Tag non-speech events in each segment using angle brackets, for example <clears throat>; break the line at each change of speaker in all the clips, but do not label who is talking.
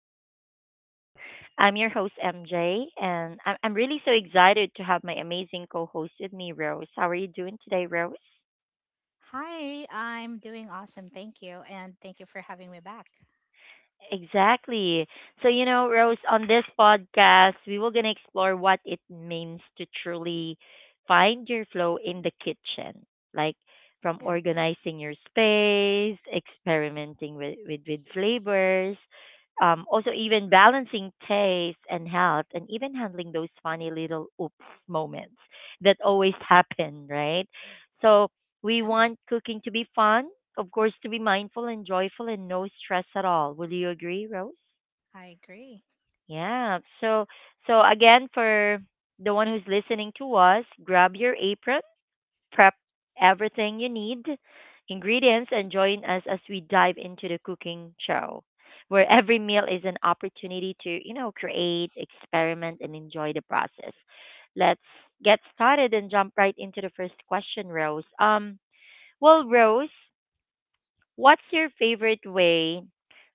our podcast. I'm your host, MJ, and I'm really so excited to have my amazing co host with me, Rose. How are you doing today, Rose?
Hi, I'm doing awesome. Thank you. And thank you for having me back.
Exactly. So, Rose, on this podcast, we will going to explore what it means to truly find your flow in the kitchen, like from
Yeah,
organizing your space, experimenting with flavors, also even balancing taste and health, and even handling those funny little oops moments that always <laughs> happen, right? So, we
yeah,
want cooking to be fun, of course, to be mindful and joyful and no stress at all. Would you agree, Rose?
I agree.
Yeah. So, so again, for the one who's listening to us, grab your apron, prep everything you need, ingredients, and join us as we dive into the cooking show, where every meal is an opportunity to, create, experiment, and enjoy the process. Let's get started and jump right into the first question, Rose. Well, Rose. What's your favorite way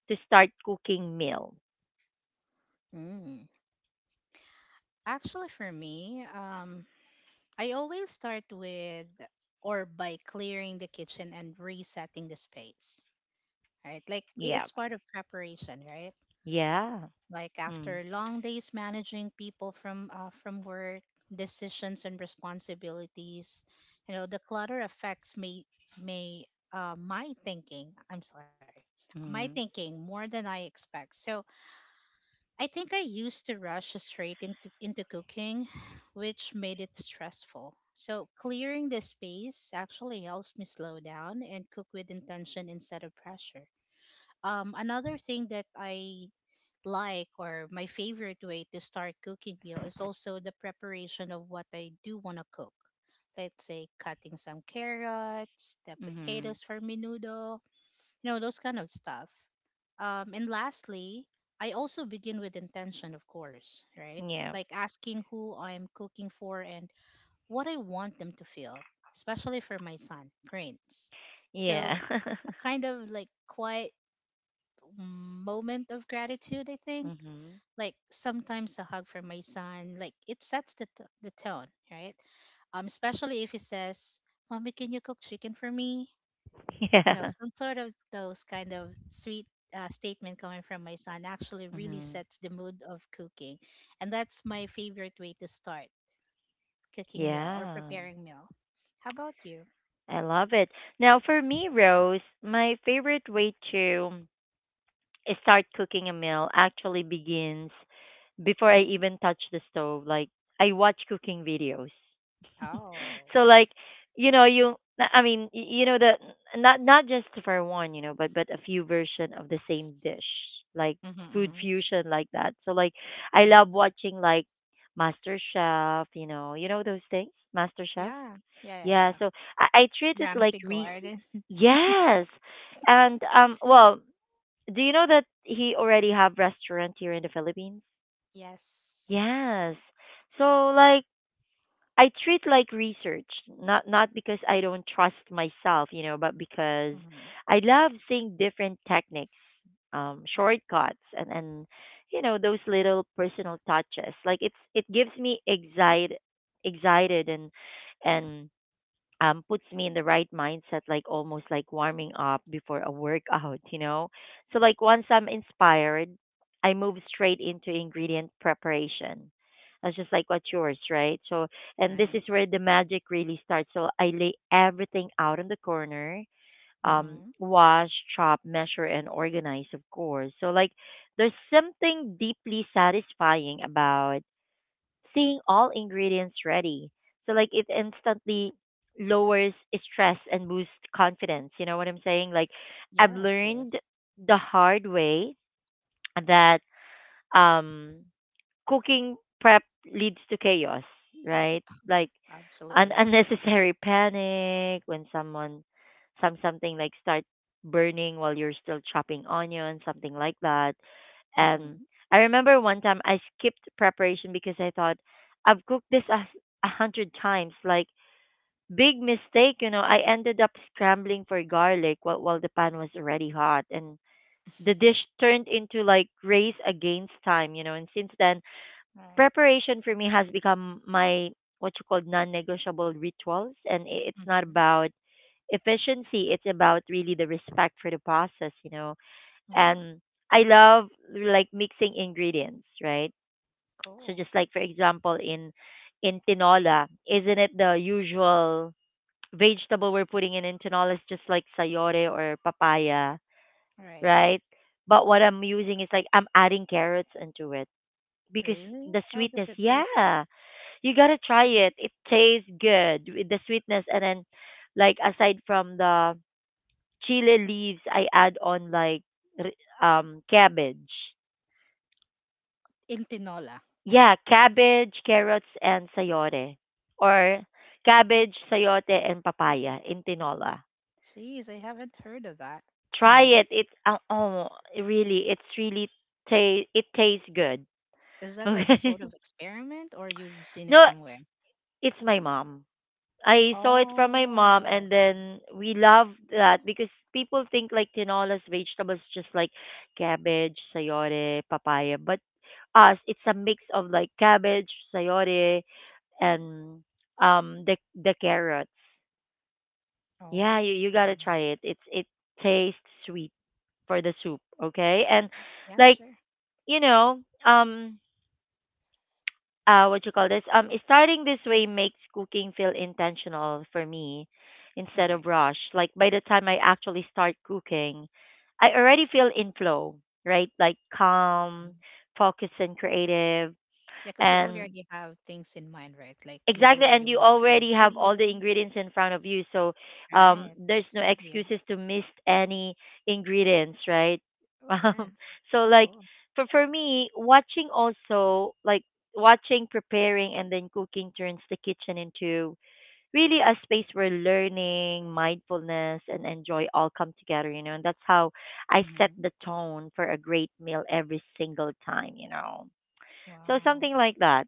to start cooking meals?
Mm. Actually, for me, I always start with or by clearing the kitchen and resetting the space, right? Like
Yeah.
it's part of preparation, right?
Yeah.
Like
Mm.
after long days managing people from work decisions and responsibilities, you know the clutter affects me may my thinking, I'm sorry, my
Mm.
thinking more than I expect. So I think I used to rush straight into cooking <sighs> which made it stressful. So clearing the space actually helps me slow down and cook with intention instead of pressure. Um, another thing that I like or my favorite way to start cooking meal is also the preparation of what I do want to cook. Let's say cutting some carrots, the
Mhm.
potatoes for menudo, you know, those kind of stuff. And lastly, I also begin with intention, of course, right?
Yeah.
Like asking who I'm cooking for and what I want them to feel, especially for my son, Prince.
Yeah.
So,
<laughs>
a kind of like quiet moment of gratitude, I think.
Mhm.
Like sometimes a hug from my son, like it sets the tone, right? Especially if he says, Mommy, can you cook chicken for me? You know,
Yeah.
some sort of those kind of sweet statement coming from my son actually really
Mhm.
sets the mood of cooking. And that's my favorite way to start cooking meal or
Yeah.
preparing meal. How about you?
I love it. Now for me, Rose, my favorite way to start cooking a meal actually begins before I even touch the stove. Like I watch cooking videos.
Oh.
So like you know you I mean y- you know the not just for one, you know, but a few version of the same dish, like
Mm-hmm,
food
mm-hmm,
fusion like that. So like I love
hmm.
watching like master chef, you know, you know those things, master chef,
Yeah. Yeah, yeah,
yeah.
yeah.
So I treat it like
Ramsey
re-
Gordon. <laughs>
yes. And well, do you know that he already have restaurant here in the Philippines?
Yes.
Yes. So like I treat like research, not because I don't trust myself, you know, but because
Mm-hmm.
I love seeing different techniques,
Right.
shortcuts, and you know those little personal touches. Like it's it gives me excited, excited, and puts me in the right mindset, like almost like warming up before a workout, <laughs> you know? So, like, once I'm inspired, I move straight into ingredient preparation. That's just like what's yours, right? So, and this is
Nice.
where the magic really starts. So, I lay everything out in the corner,
Mm-hmm.
wash, chop, measure, and organize, of course. So, like, there's something deeply satisfying about seeing all ingredients ready. So like it instantly lowers stress and boosts confidence. You know what I'm saying? Like I've
Yes,
learned
yes.
the hard way that um cooking prep leads to chaos, right? Like an <laughs>
Absolutely.
unnecessary panic when some something like start burning while you're still chopping onion, something like that. And
Mm-hmm.
I remember one time I skipped preparation because I thought I've cooked this a hundred times. Like big mistake, you know. I ended up scrambling for garlic while the pan was already hot, and the dish turned into like race against time, you know. And since then,
Right.
preparation for me has become my what you call non-negotiable rituals, and it's not
Mm-hmm.
about efficiency; it's about really the respect for the process, you know.
Mm-hmm.
And I love like mixing ingredients, right? So
Cool.
just like for example in tinola, isn't it the usual vegetable we're putting in tinola is just like sayore or papaya,
All right.
right? But what I'm using is like I'm adding carrots into it because
Really?
the
How does
sweetness,
it taste like?
yeah, you gotta try it. It tastes good with the sweetness, and then like aside from the chili leaves, I add on like r- cabbage.
Intinola.
Yeah, cabbage, carrots, and sayote. Or cabbage, sayote, and papaya in tinola.
Jeez, I haven't heard of that. I
Try
mean,
it. It oh, really, it's really it tastes good.
is that like a
Okay.
sort of experiment or you've seen
<laughs>
it
No,
somewhere?
it's my mom. I saw it from my mom,
Oh.
and then we love that because people think like tinola's vegetables, just like cabbage, sayote, papaya. But us, it's a mix of like cabbage, sayote, and the carrots. Yeah, you gotta try
Okay.
it. It's it tastes sweet for the soup, okay? And
Yeah,
like
sure.
you know, what you call this? Starting this way makes cooking feel intentional for me instead of
Right.
rush. Like by the time I actually start cooking, I already feel in flow, right? Like calm,
Mm.
focused, and creative,
Yeah, because you
and
already have things in mind, right? Like you've
exactly, and
already
you
watched the
already have all the
video.
ingredients in front of you, so
Right.
there's
It's
no
easier.
excuses to miss any ingredients, right? <laughs>
Yeah.
Um, so, like
Cool.
for me, watching also like watching, preparing, and then cooking turns the kitchen into really a space where learning, mindfulness, and enjoy all come together. You know, and that's how I set
Hmm.
the tone for a great meal every single time. You know, so
Wow.
something like that.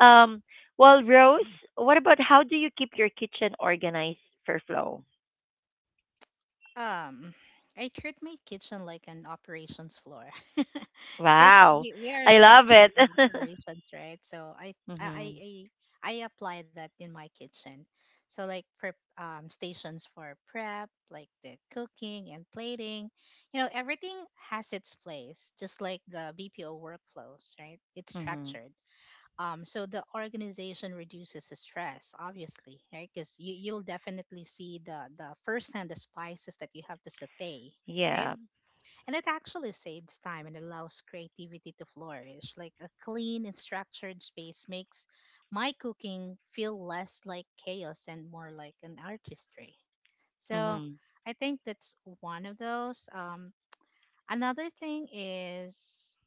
Um, well, Rose, what about how do you keep your kitchen organized for flow?
Um, I treat my kitchen like an operations floor <laughs> because
Wow,
we are
I love
structured
it.
in operations, right? So I,
<laughs>
I I
Mhm.
I I apply that in my kitchen. So like prep, stations for prep, like the cooking and plating, you know, everything has its place, just like the BPO workflows, right? It's
Mhm.
structured. Um, so the organization reduces the stress, obviously, right? Because you'll definitely see the firsthand the spices that you have to saute, right?
Yeah.
And it actually saves time and allows creativity to flourish. Like a clean and structured space makes my cooking feel less like chaos and more like an artistry. So
Mhm.
I think that's one of those. Um, another thing is,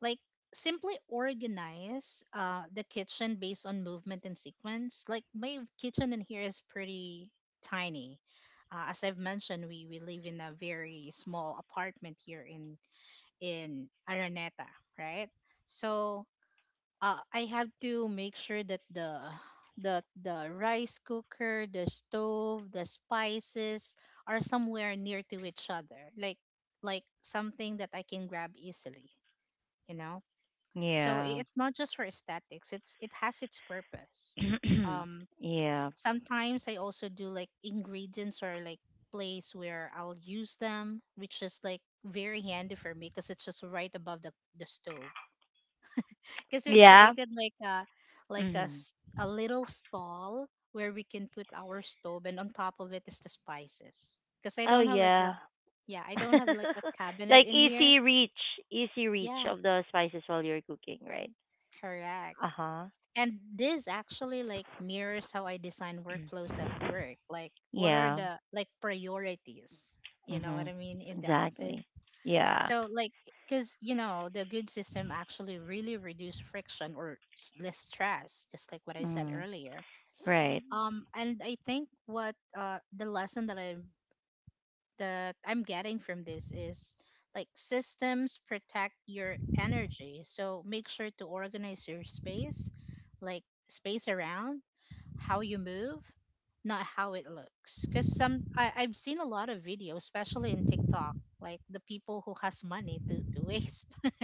like, simply organize the kitchen based on movement and sequence. Like my kitchen in here is pretty tiny. Uh, as I've mentioned, we live in a very small apartment here in Araneta, right? So I have to make sure that the rice cooker, the stove, the spices are somewhere near to each other, like something that I can grab easily, you know. So
Yeah.
it's not just for aesthetics. It's it has its purpose. Um,
<clears throat> Yeah.
sometimes I also do like ingredients or like place where I'll use them, which is like very handy for me because it's just right above the stove. Because we've
Yeah.
created like a like a
Mhm.
s- a little stall where we can put our stove, and on top of it is the spices. Because I
Oh
don't have like
yeah.
a, yeah, I don't have like a
<laughs>
cabinet
Like
in here.
easy reach
Yeah.
of the spices while you're cooking, right?
Correct.
Uh huh.
And this actually like mirrors how I design
<clears throat>
workflows at work. Like what are
Yeah.
the like priorities? You know what
Mhm.
I mean, in the office.
Exactly. Yeah.
So like, cuz you know, the good system actually really reduce friction or less stress, just like what I said
Mm.
earlier.
Right.
And I think what the lesson that I that I'm getting from this is like systems protect your energy. So make sure to organize your space, like space around, how you move, not how it looks. Because some, I've seen a lot of videos, especially in TikTok, like the people who has money to waste, <laughs>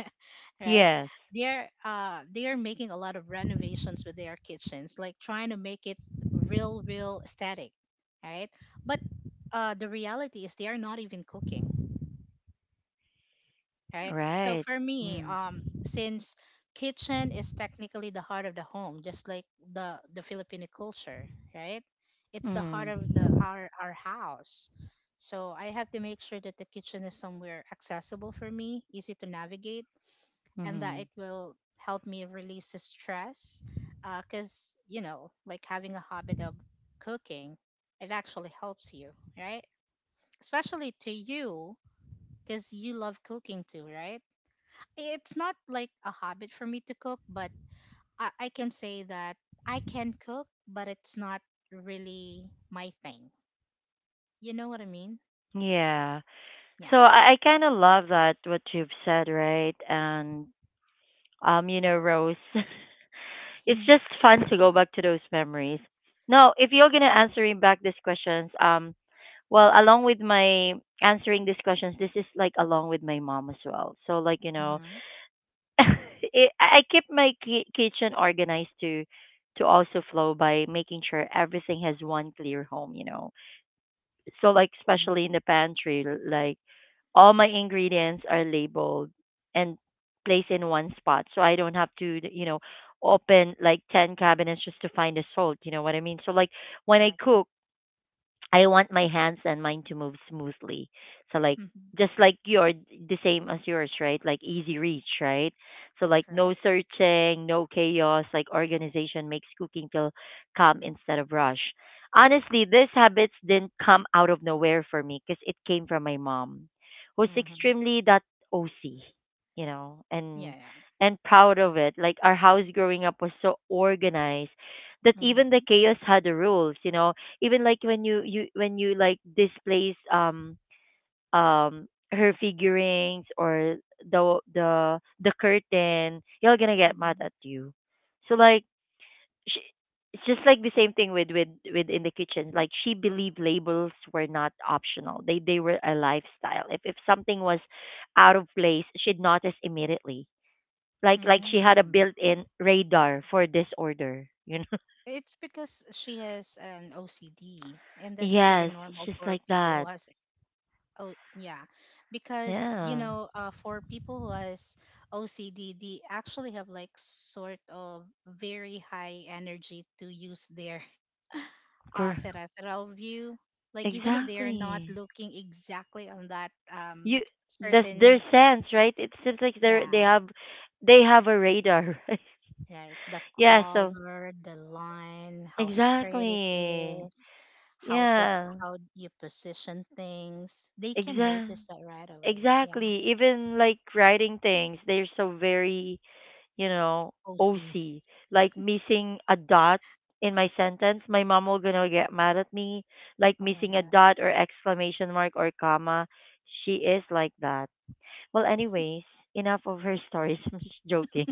right?
Yes.
They're making a lot of renovations with their kitchens, like trying to make it real aesthetic, right? But the reality is they are not even cooking, right? So
Right.
for me,
Mm.
since kitchen is technically the heart of the home, just like the Filipino culture, right? It's the heart
Mm.
of the our house. So I have to make sure that the kitchen is somewhere accessible for me, easy to navigate, and that
Mm.
it will help me release the stress. Because you know, like having a habit of cooking, it actually helps you, right? Especially to you, because you love cooking too, right? It's not like a habit for me to cook, but I can say that I can cook, but it's not really my thing. You know what I mean?
Yeah. So
Yeah.
I, kind of love that what you've said, right? And you know, Rose, <laughs> it's
<laughs>
just fun to go back to those memories. Now, if you're gonna answering back these questions, well, along with my answering these questions, this is like along with my mom as well. So like you know,
Hmm.
<laughs> it, I keep my kitchen organized to also flow by making sure everything has one clear home. You know, so like especially
Hmm.
in the pantry, like all my ingredients are labeled and placed in one spot, so I don't have to, you know, open like 10 cabinets just to find the salt, you know what I mean. So like when I
Correct.
cook, I want my hands and mind to move smoothly. So like
Hmm.
just like your the same as yours, right? Like easy reach, right? So like no
Correct.
searching, no chaos, like organization makes cooking feel calm instead of rush. Honestly, these habits didn't come out of nowhere for me because it came from my mom, who's
Hmm.
extremely that OC, you know, and
Yeah, yeah.
proud of it. Like our house growing up was so organized that even the
Hmm.
chaos had the rules, you know, even like when you like displays her figurines or the curtain, you all gonna get mad at
Hmm.
you. So like she, it's just like the same thing with in the kitchen. Like she believed labels were not optional, they were a lifestyle. If something was out of place, she'd notice immediately, like she had a
Hmm.
built-in radar for disorder, you know. <laughs>
It's because she has an OCD, and that's pretty
Yes,
normal
she's
for
like
people who
that.
has. Oh, yeah. Because, you
Yeah.
know, for people who has OCD, they actually have like sort of very high energy to use their <laughs> peripheral view. Like even if they are not
Exactly.
looking exactly on that
You that's their
certain,
sense, right? It seems like
yeah,
they have a radar, <laughs> right?
right, the
Yeah, so
color, the line, how straight it
exactly.
is, how pos
Yeah.
how you position things, they can
Exactly.
notice that right away. Yeah,
Exactly. Even like writing things, they're so very, you know,
OC.
OC. Like missing a dot in my sentence, my mom will gonna get mad at me. Like
Oh my
missing a
God.
dot or exclamation mark or comma, she is like that. Well, anyways, enough of her stories. <laughs> I'm just joking.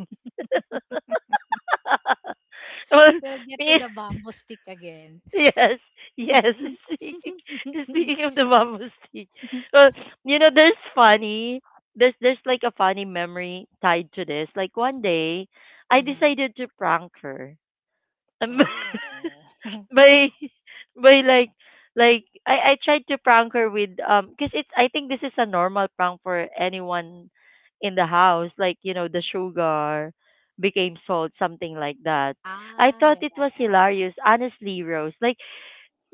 <laughs> Well,
We'll get to
me,
the bamboo stick again.
yes, yes. <laughs> Speaking,
<laughs>
speaking of the bamboo stick, well, you know, there's funny. There's like a funny memory tied to this. Like one day, I
Mhm.
decided to prank her. Um,
Oh. <laughs>
<laughs> by <laughs> by like I tried to prank her with because it's I think this is a normal prank for anyone in the house, like you know, the sugar became salt, something like that. I
Ah,
thought
yeah,
it was
yeah, yeah.
hilarious honestly, Rose. like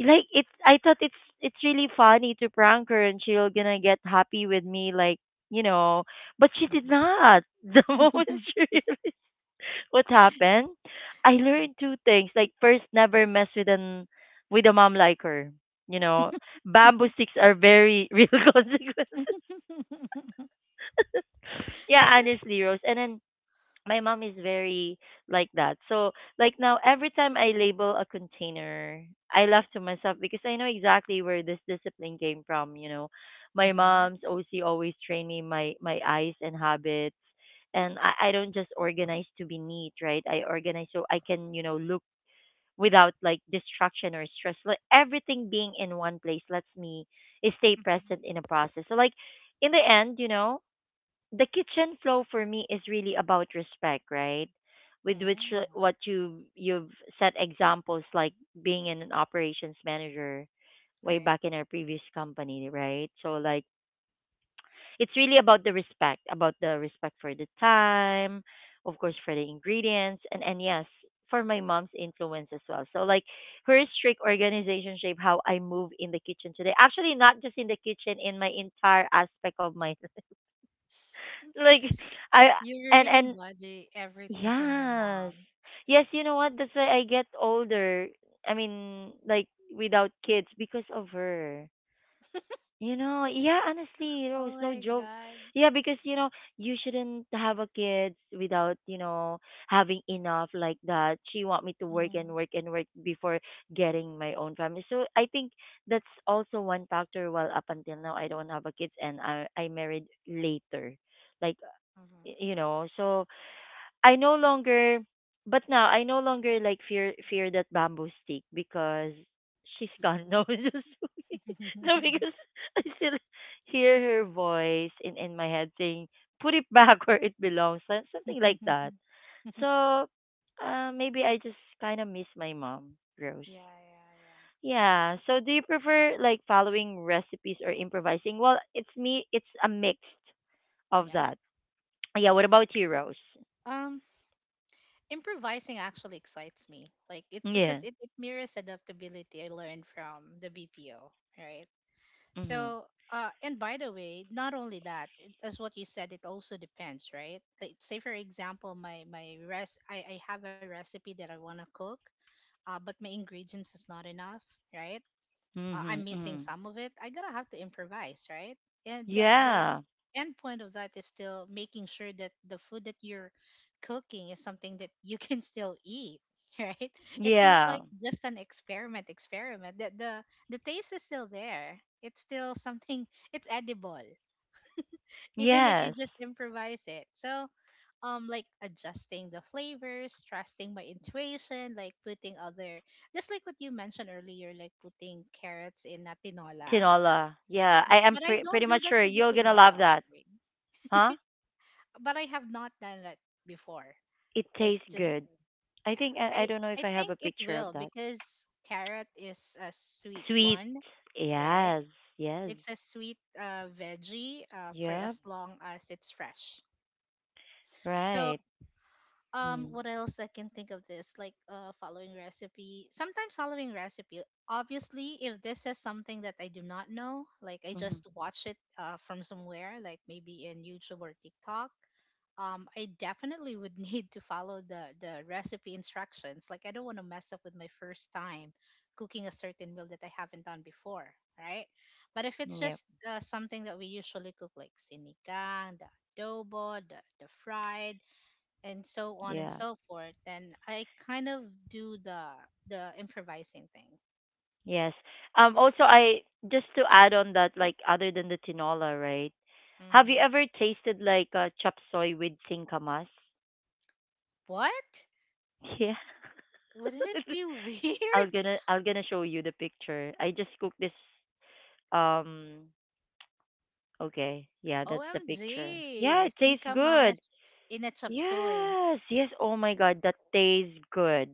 like it's I thought it's really funny to prank her and she'll gonna get happy with me, like you know, but she
Yeah.
did
Mhm.
not. <laughs> The moment she <laughs> realized what happened? I learned two things. Like first, never mess with an with a mom like her. You know, bamboo
<laughs>
sticks are very <laughs> real consequences. Yeah, honestly, Rose. And then my mom is very like that. So like now, every time I label a container, I laugh to myself because I know exactly where this discipline came from. You know, my
Mhm.
mom's OC always trained me my my eyes and habits. And I don't just organize to be neat, right? I organize so I can, you know, look without like distraction or stress. Like everything being in one place lets me stay
Mhm.
present in a process. So like in the end, you know, the kitchen flow for me is really about respect, right? With which
Mm.
what you you've set examples, like being an operations manager way
Right.
back in our previous company, right? So like it's really about the respect for the time, of course for the ingredients, and yes, for my mom's influence as well. So like her strict organization shape how I move in the kitchen today. Actually, not just in the kitchen, in my entire aspect of my <laughs> like I
You
and
really
and
embody everything from your
yes.
mom.
Yes, you know what? That's why I get older. I mean, like without kids because of her. Yeah, honestly, Rose,
Oh
no
my
joke.
God.
Yeah, because you shouldn't have a kids without, having enough like that. She want me to work and
Mhm.
work and work before getting my own family. So I think that's also one factor. Well, up until now, I don't have a kids and I married later, like
Mhm.
you know. So I no longer, but now I no longer like fear that bamboo stick because she's gone. <laughs> No, just <laughs> no,
<laughs>
because I still hear her voice in my head saying, "Put it back <laughs> where it belongs," something like that. So, maybe I just kind of miss my mom, Rose.
Yeah, yeah, yeah.
Yeah. So, do you prefer like following recipes or improvising? Well, it's me. It's a mix of
Yeah.
that. Yeah. What about you, Rose?
Um, improvising actually excites me. Like it's because
Yeah.
it mirrors adaptability I learned from the BPO, right?
Mm-hmm.
So, and by the way, not only that, it, as what you said, it also depends, right? Like, say for example, I have a recipe that I want to cook, but my ingredients is not enough, right? Uh, I'm
Mhm.
missing
Mhm.
some of it, I gotta have to improvise, right? And the
Yeah.
end point of that is still making sure that the food that you're cooking is something that you <laughs> can still eat, <laughs> right? It's not
Yeah.
like just an experiment. That the taste is still there. It's still something. It's edible, even if you
Yes.
just improvise it. So um, like adjusting the flavors, trusting my intuition, like putting other, just like what you mentioned earlier, like putting carrots in a tinola,
Tinola.
right?
Yeah.
But
I am
but I
pretty
don't do
much
that
sure
with the
you're gonna
tinola
love that.
offering,
Huh?
but I have not done that before,
It
like
tastes
just,
good. I
yeah,
think I
I
don't know if
I
I have a
think it
picture of
will
that.
because carrot is a sweet
Sweet.
one, right?
Yes. Yes.
It's a sweet veggie, for
Yep.
as long as it's fresh. So
Right.
um,
Mm.
what else I can think of this, like following recipe, sometimes following recipe, obviously if this is something that I do not know, like I just
Mhm.
watch it from somewhere, like maybe in YouTube or TikTok. Um, I definitely would <laughs> need to follow the recipe instructions. Like I don't want to mess up with my first time cooking a certain meal that I haven't done before, right? But if it's
Yep.
just something that we usually cook, like sinigang, the adobo, the fried, and so on and
Yeah.
so forth. Then I kind of do the improvising thing.
Yes. Um, also, I just to add on that, like other than the tinola, right? Have
Hmm.
you ever tasted like a chop soy with singkamas?
What?
Yeah.
Wouldn't it
<laughs>
be weird?
I'm gonna show you the picture. I just cooked this um okay.
<laughs>
Yeah, that's the picture. Yeah,
OMG,
it tastes good.
Singkamas in a chapsoy.
Yes, yes. Oh my god, that tastes good.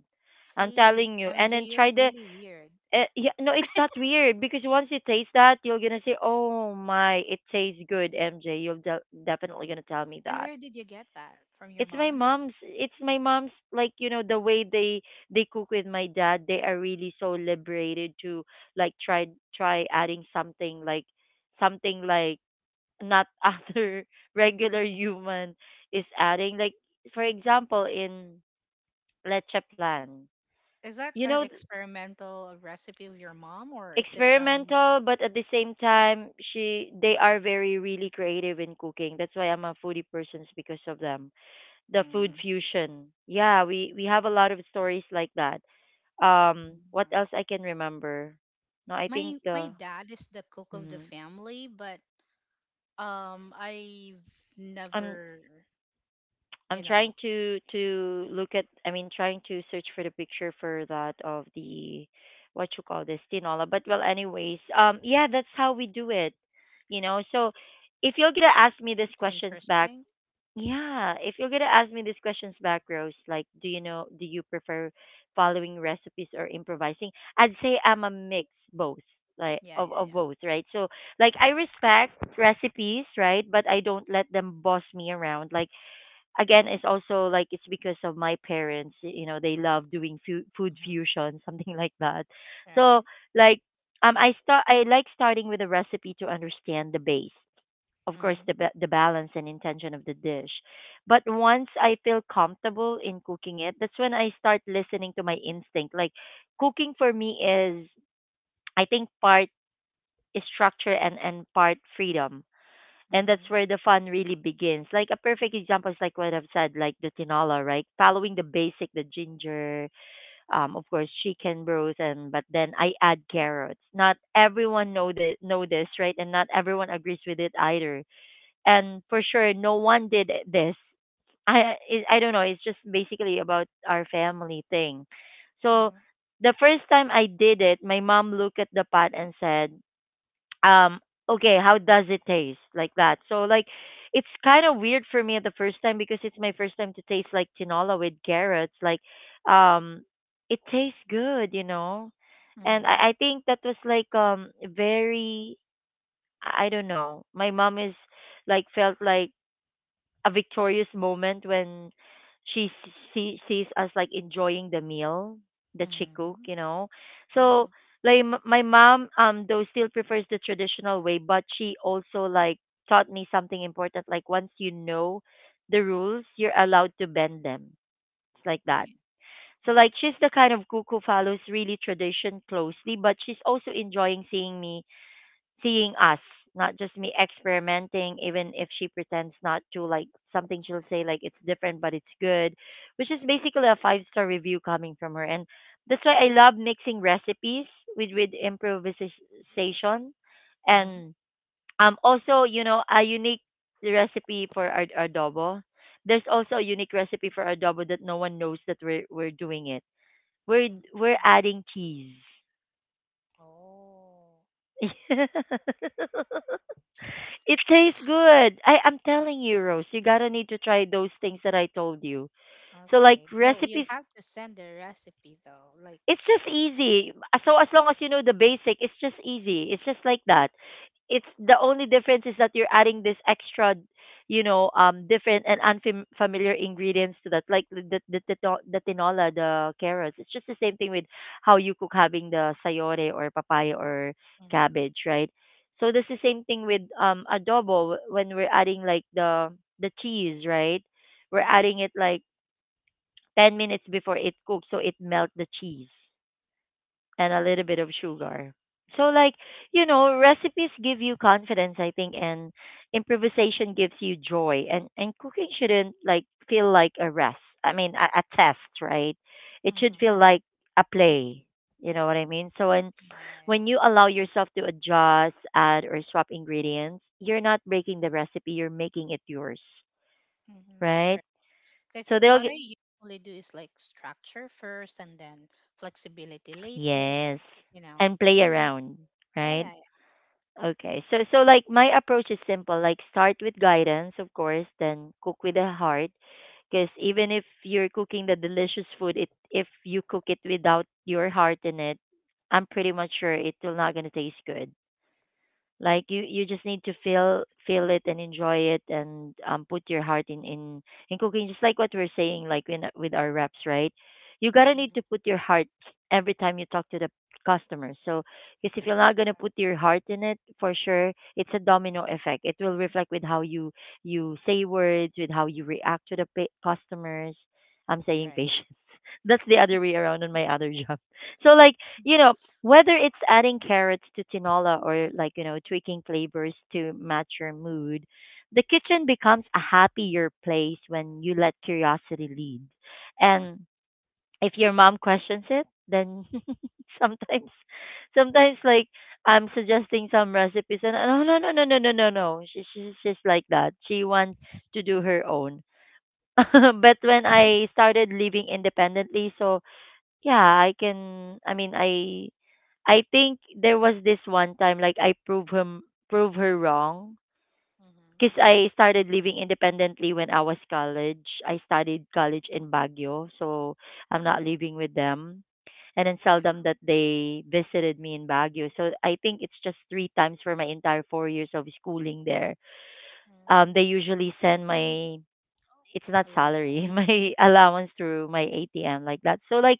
I'm
Jeez,
telling you. And
MJ,
then
you're
try the
really weird.
yeah, no, it's not weird because once you taste that, you're gonna say, "Oh my, it tastes good, MJ." You're definitely gonna tell me
And
that.
where did you get that? From your
It's
mom
my
again?
mom's. It's my mom's. Like you know, the way they cook with my dad, they are really so liberated to like try adding something like not <laughs> other regular human is adding. Like for example, in leche plan,
Is that
you
an
know,
experimental recipe of your mom, or is it from?
experimental, but at the same time, she they are very really creative in cooking. That's why I'm a foodie person's because of them the food
Mm,
fusion. Yeah, we have a lot of stories like that. What
mm.
else I can remember? No, I
My
think
my
the
dad is the cook of the
mhm.
family, but um, I've
I'm
never,
I'm
you
trying
know,
to look at I mean trying to search for the picture for that of the what you call this tinola. But well, anyways, yeah, that's how we do it. You know, so if you're gonna ask me these
it's
questions back,
interesting.
yeah, if you're gonna ask me these questions back, Rose, like, do you know, do you prefer following recipes or improvising? I'd say I'm a mix, both, like
Yeah,
of
yeah, yeah.
both, right? So, like, I respect recipes, right, but I don't let them boss me around. Like, again it's also like it's because of my parents, you know, they love doing food
Mm-hmm.
fusion <laughs> something like that. So
Right.
like, um, I like starting with a recipe to understand the base, of course
Mm-hmm.
the the balance and intention of the dish, but once I feel comfortable in cooking it, that's when I start listening to my instinct. Like cooking for me is, I think, part is structure and part freedom, and that's
Mm-hmm.
where the fun really begins. Like a perfect example is like what I've said, like the tinola, right? Following the basic, the ginger, of course chicken broth, and but then I add carrots. Not everyone know the know this, right? And not everyone agrees with it either. And for sure, no one did this. I don't know. It's just basically about our family thing. So
Mm-hmm.
the first time I did it, my mom looked at the pot and said, um, okay, how does it taste like that? So like it's kind of weird for me at the first time because it's my first time to taste like tinola with carrots, like, um, it tastes good, you know. And
Mm-hmm.
I think that was like very, I don't know, my mom is like felt like a victorious moment when she sees us like enjoying the meal that she cook,
Mm-hmm.
you know. So
Yeah.
like my mom, um, though still prefers the traditional way, but she also like taught me something important, like once you know the rules, you're allowed to bend them. It's like that.
Right.
So
Yeah.
like she's the kind of cook who follows really tradition closely, but she's also enjoying seeing me, seeing us, not just me experimenting, even if she pretends not to, like something she'll say like it's different but it's good, which is basically a 5-star review coming from her. And that's why I love mixing recipes with improvisation.
Mm-hmm.
And also, you know, a unique recipe for adobo. There's also a unique recipe for adobo that no one knows that we're doing it. We're
Mm-hmm.
adding cheese.
Oh.
<laughs> It tastes good. I'm telling you, Rose, you gotta need to try those things that I told you. So like
Okay. Well, you
recipe,
have to send the recipe though. Like.
it's just easy. So as long as you know the basic, it's just easy. It's just like that. It's the only difference is that you're adding this extra, you know, different and unfamiliar ingredients to that, like the tinola, the carrots. It's just the same thing with how you cook having the sayore or papaya or
Mm-hmm.
cabbage, right? So that's the same thing with adobo when we're adding like the cheese, right? We're adding
Mm-hmm.
it like 10 minutes before it cooks, so it melts the cheese and a
Oh.
little bit of sugar. So like, you know, recipes give you confidence, I think, and improvisation gives you joy. And cooking shouldn't like feel like a rest. I mean, a test, right? It should
Mm-hmm.
feel like a play. You know what I mean? So
Yeah, yeah,
when
yeah.
you allow yourself to adjust, add or swap ingredients, you're not breaking the recipe, you're making it yours,
Mm-hmm.
right?
Right. That's
So they'll
what
get
I usually do, is like structure first and then flexibility later,
yes,
you know.
and play around,
Yeah,
right?
yeah, yeah.
Okay. So so like my approach is simple. Like start with guidance, of course, then cook with the heart. Because even if you're cooking the delicious food, it if you cook it without your heart in it, I'm pretty much sure it will not gonna taste good. Like you just need to feel it and enjoy it, and put your heart in in cooking, just like what we're saying like in, with our reps, right, you gotta need
Mm-hmm.
to put your heart every time you talk to the customer. So because if you're not gonna
Correct.
put your heart in it, for sure it's a domino effect, it will reflect with how you, you say words, with how you react to the customers, I'm saying
Right.
patience. <laughs> That's the other way around on my other <laughs> job. So like, you know, whether it's adding carrots to tinola or, like, you know, tweaking flavors to match your mood, the kitchen becomes a happier place when you let curiosity lead. And if your mom questions it, then <laughs> sometimes sometimes like I'm suggesting some recipes and no no no no no no no no. She, she's just like that. She wants to do her own. <laughs> But when I started living independently, so yeah, I can. I mean, I think there was this one time like I prove her wrong,
Mm-hmm.
because I started living independently when I was college. I studied college in Baguio, so I'm not living with them. And then
Yeah.
seldom that they visited me in Baguio. So I think it's just 3 times for my entire 4 years of schooling there. They
Mm,
usually send my, it's not
I love
salary, <laughs>
ones.
my allowance through my ATM like that. So like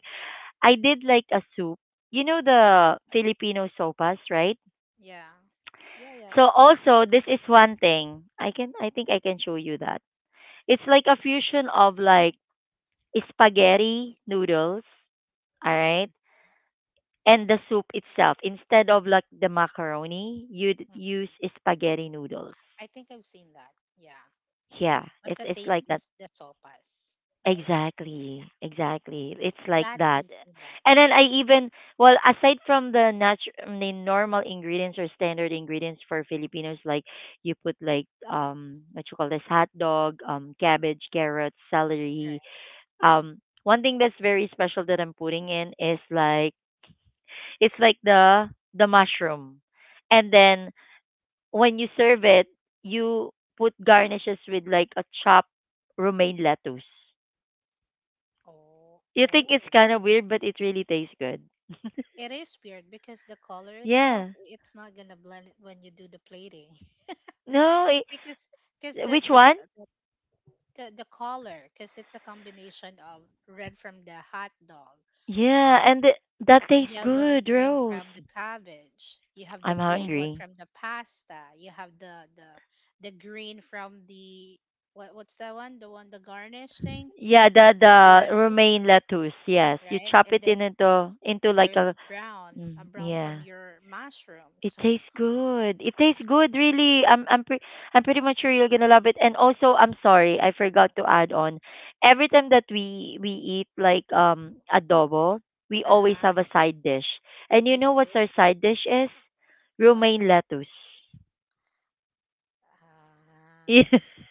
I did like a soup. You know the Filipino sopas, right?
Yeah. Yeah, yeah.
So also this is one thing. I can I think I can show you that. It's like a fusion of like spaghetti noodles, all right? And the soup itself. Instead of like the macaroni, you'd use
Mm-hmm.
spaghetti noodles.
I think I've seen that. Yeah.
Yeah,
But the
it's
taste
like that.
is the sopas, right? Yeah.
Exactly, exactly. It's like
That
that.
I've seen that.
And then I
Yeah.
even, well, aside from the natural, the normal ingredients or standard ingredients for Filipinos, like you put like what you call this, hot dog, cabbage, carrots, celery.
Correct.
One thing that's very special that I'm putting in is like it's like the mushroom, and then when you serve it, you put garnishes with like a chopped romaine lettuce.
Oh,
You think
oh.
it's kind of weird, but it really tastes good.
It is weird because the color itself,
Yeah.
it's not gonna blend it when you do the plating. <laughs>
No,
It's because the,
which one?
the the the color, because it's a combination of red from the hot dog,
Yeah,
uh
and that tastes
yellow
good,
green
Rose.
from the cabbage. You have the
I'm
plain one
hungry.
from the pasta. You have the green from the what's that one, the one, the garnish thing,
Yeah, the
lettuce,
romaine lettuce. Yes, you
right?
chop
And
it in
then
into like
there's
a
a brown from
yeah.
your
It
mushrooms.
tastes good. It tastes good, really. I'm pretty much sure you're gonna love it. And also, I'm sorry, I forgot to add on. Every time that we eat like adobo,
<laughs>
we always
Uh-huh.
have a side dish. And you
Which
know what's our
is?
side dish is?
What?
Romaine lettuce. <laughs>
um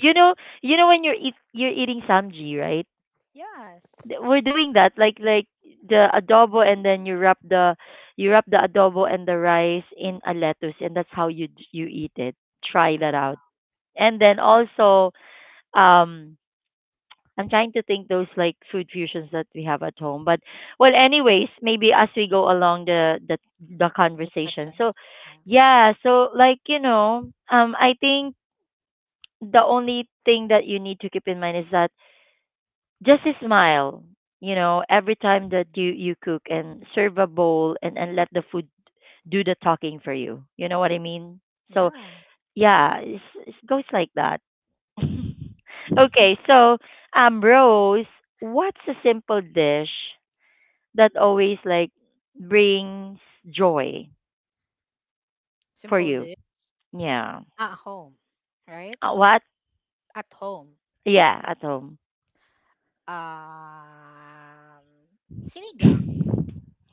you know, you know when you're eating samji, right?
yes
We're doing that like the adobo, and then you wrap the adobo and the rice in a lettuce, and that's how you eat it. Try that out.
Wow.
And then also, um I'm trying to think those like food fusions that we have at home, but well, anyways, maybe as we go along the
The
conversation. So
questions. Yeah.
yeah, so I think the only thing that you need to keep in mind is that just a smile. You know, every time that you
Mhm.
you cook and serve a bowl, and let the food do the talking for you, you know what I mean? So
Yeah.
yeah, it goes like that. <laughs> Okay,
<laughs>
so Rose, what's a simple dish that always like brings joy for
Simple
you?
dish
Yeah.
at home, right?
What?
At home.
Yeah, at home.
Um, sinigang.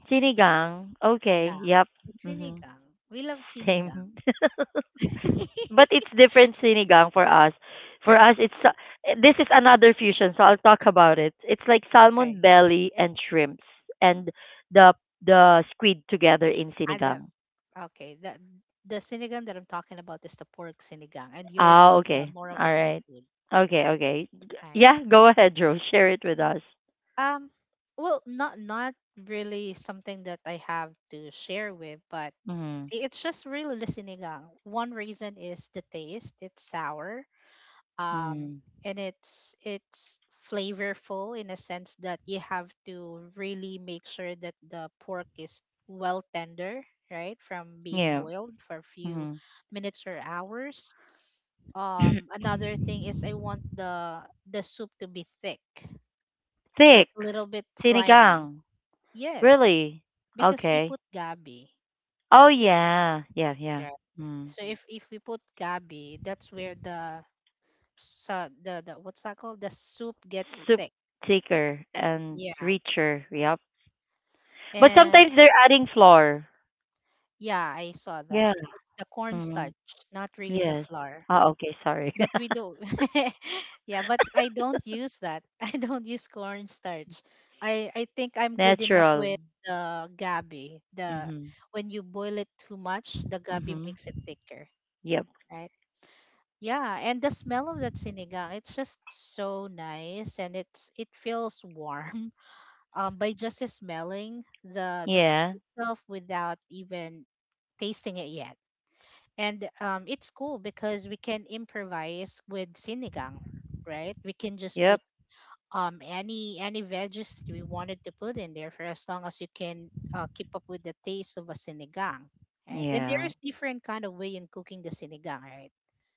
Sinigang, okay,
Yeah.
yep.
It's
Mhm.
sinigang. We love sinigang.
Same. <laughs>
<laughs>
But it's different sinigang for us. For us, this is another fusion, so I'll talk about it. It's like salmon
Okay.
belly and shrimps and the the squid together in
Ada.
sinigang.
Okay. The sinigang that I'm talking about is the pork sinigang, and yours
Ah,
is the
okay,
more of a
all right,
seafood.
okay, okay.
Ah,
Yeah,
yeah.
go ahead, Joe. Share it with us.
Um, well, not really something that I have to share with, but
Mm-hmm.
it's just really the sinigang. One reason is the taste. It's sour, um,
Mm-hmm.
and it's flavorful in a sense that you have to really make sure that the pork is well tender, right, from being
Yeah.
boiled for a few
Mm-hmm.
minutes or hours. Another thing is I want the soup to be thick, like
Thick
a little bit slimy.
sinigang.
Yes,
Really?
because we
Okay.
put gabi,
Oh yeah, yeah, yeah.
right?
Mm.
So if we put gabi, that's where the sa the what's that called? The soup gets
Soup
thick.
thicker and
Yeah.
richer. Yep. But
And
sometimes they're adding flour.
yeah, I saw that.
Yeah.
It's the
Mm-hmm.
cornstarch, not really the
Yes.
flour.
Ah, okay. Sorry.
But we
<laughs>
do. <laughs> Yeah, but I don't use that. <laughs> I don't use cornstarch. I think I'm good enough
Natural.
with the gabi. The
Mhm.
When you boil it too much, the gabi
Mhm.
makes it thicker,
Yep.
right? Yeah, and the smell of that sinigang, it's just so nice and it feels warm <laughs> by just smelling the food
Yeah.
itself without even tasting it yet. And it's cool because we can improvise with sinigang, right? We can just put
Yep.
any veggies that we wanted to put in there for as long as you can keep up with the taste of a sinigang, right? And
Yeah.
there's different kind of way in cooking the sinigang, right?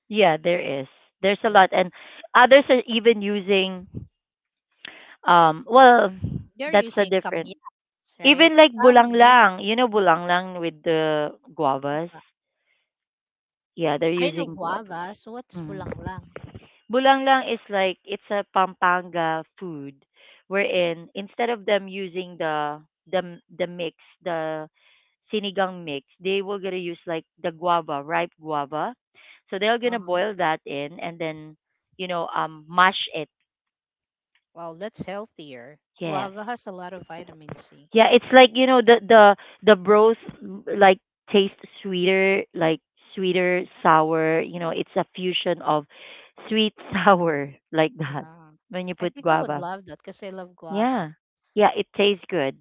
Yeah. There is. There's a
Right.
lot, and others are even using. Well,
They're
that's a
using
different.
kamyats, right?
Even like
Some use
bulanglang, you know,
what-
bulanglang with the
what's
guavas.
that?
Yeah, they're
I know
using guavas.
guava, so what's
Mm.
bulanglang?
Bulanglang is like it's a Pampanga food wherein instead of them using the mix, the sinigang mix, they will gonna use like the guava, ripe guava. So they're gonna
Uh-huh.
boil that in, and then, you know, mash it.
Well, that's healthier.
Yes.
Guava has a lot of vitamin C.
Yeah, it's like, you know, the broth, like tastes sweeter, like sweeter, sour, you know, it's a fusion of sweet sour <laughs> like that
Yeah.
when you
I
put
think I would
guava.
love that because I love
Yeah.
guava.
Yeah, it tastes good.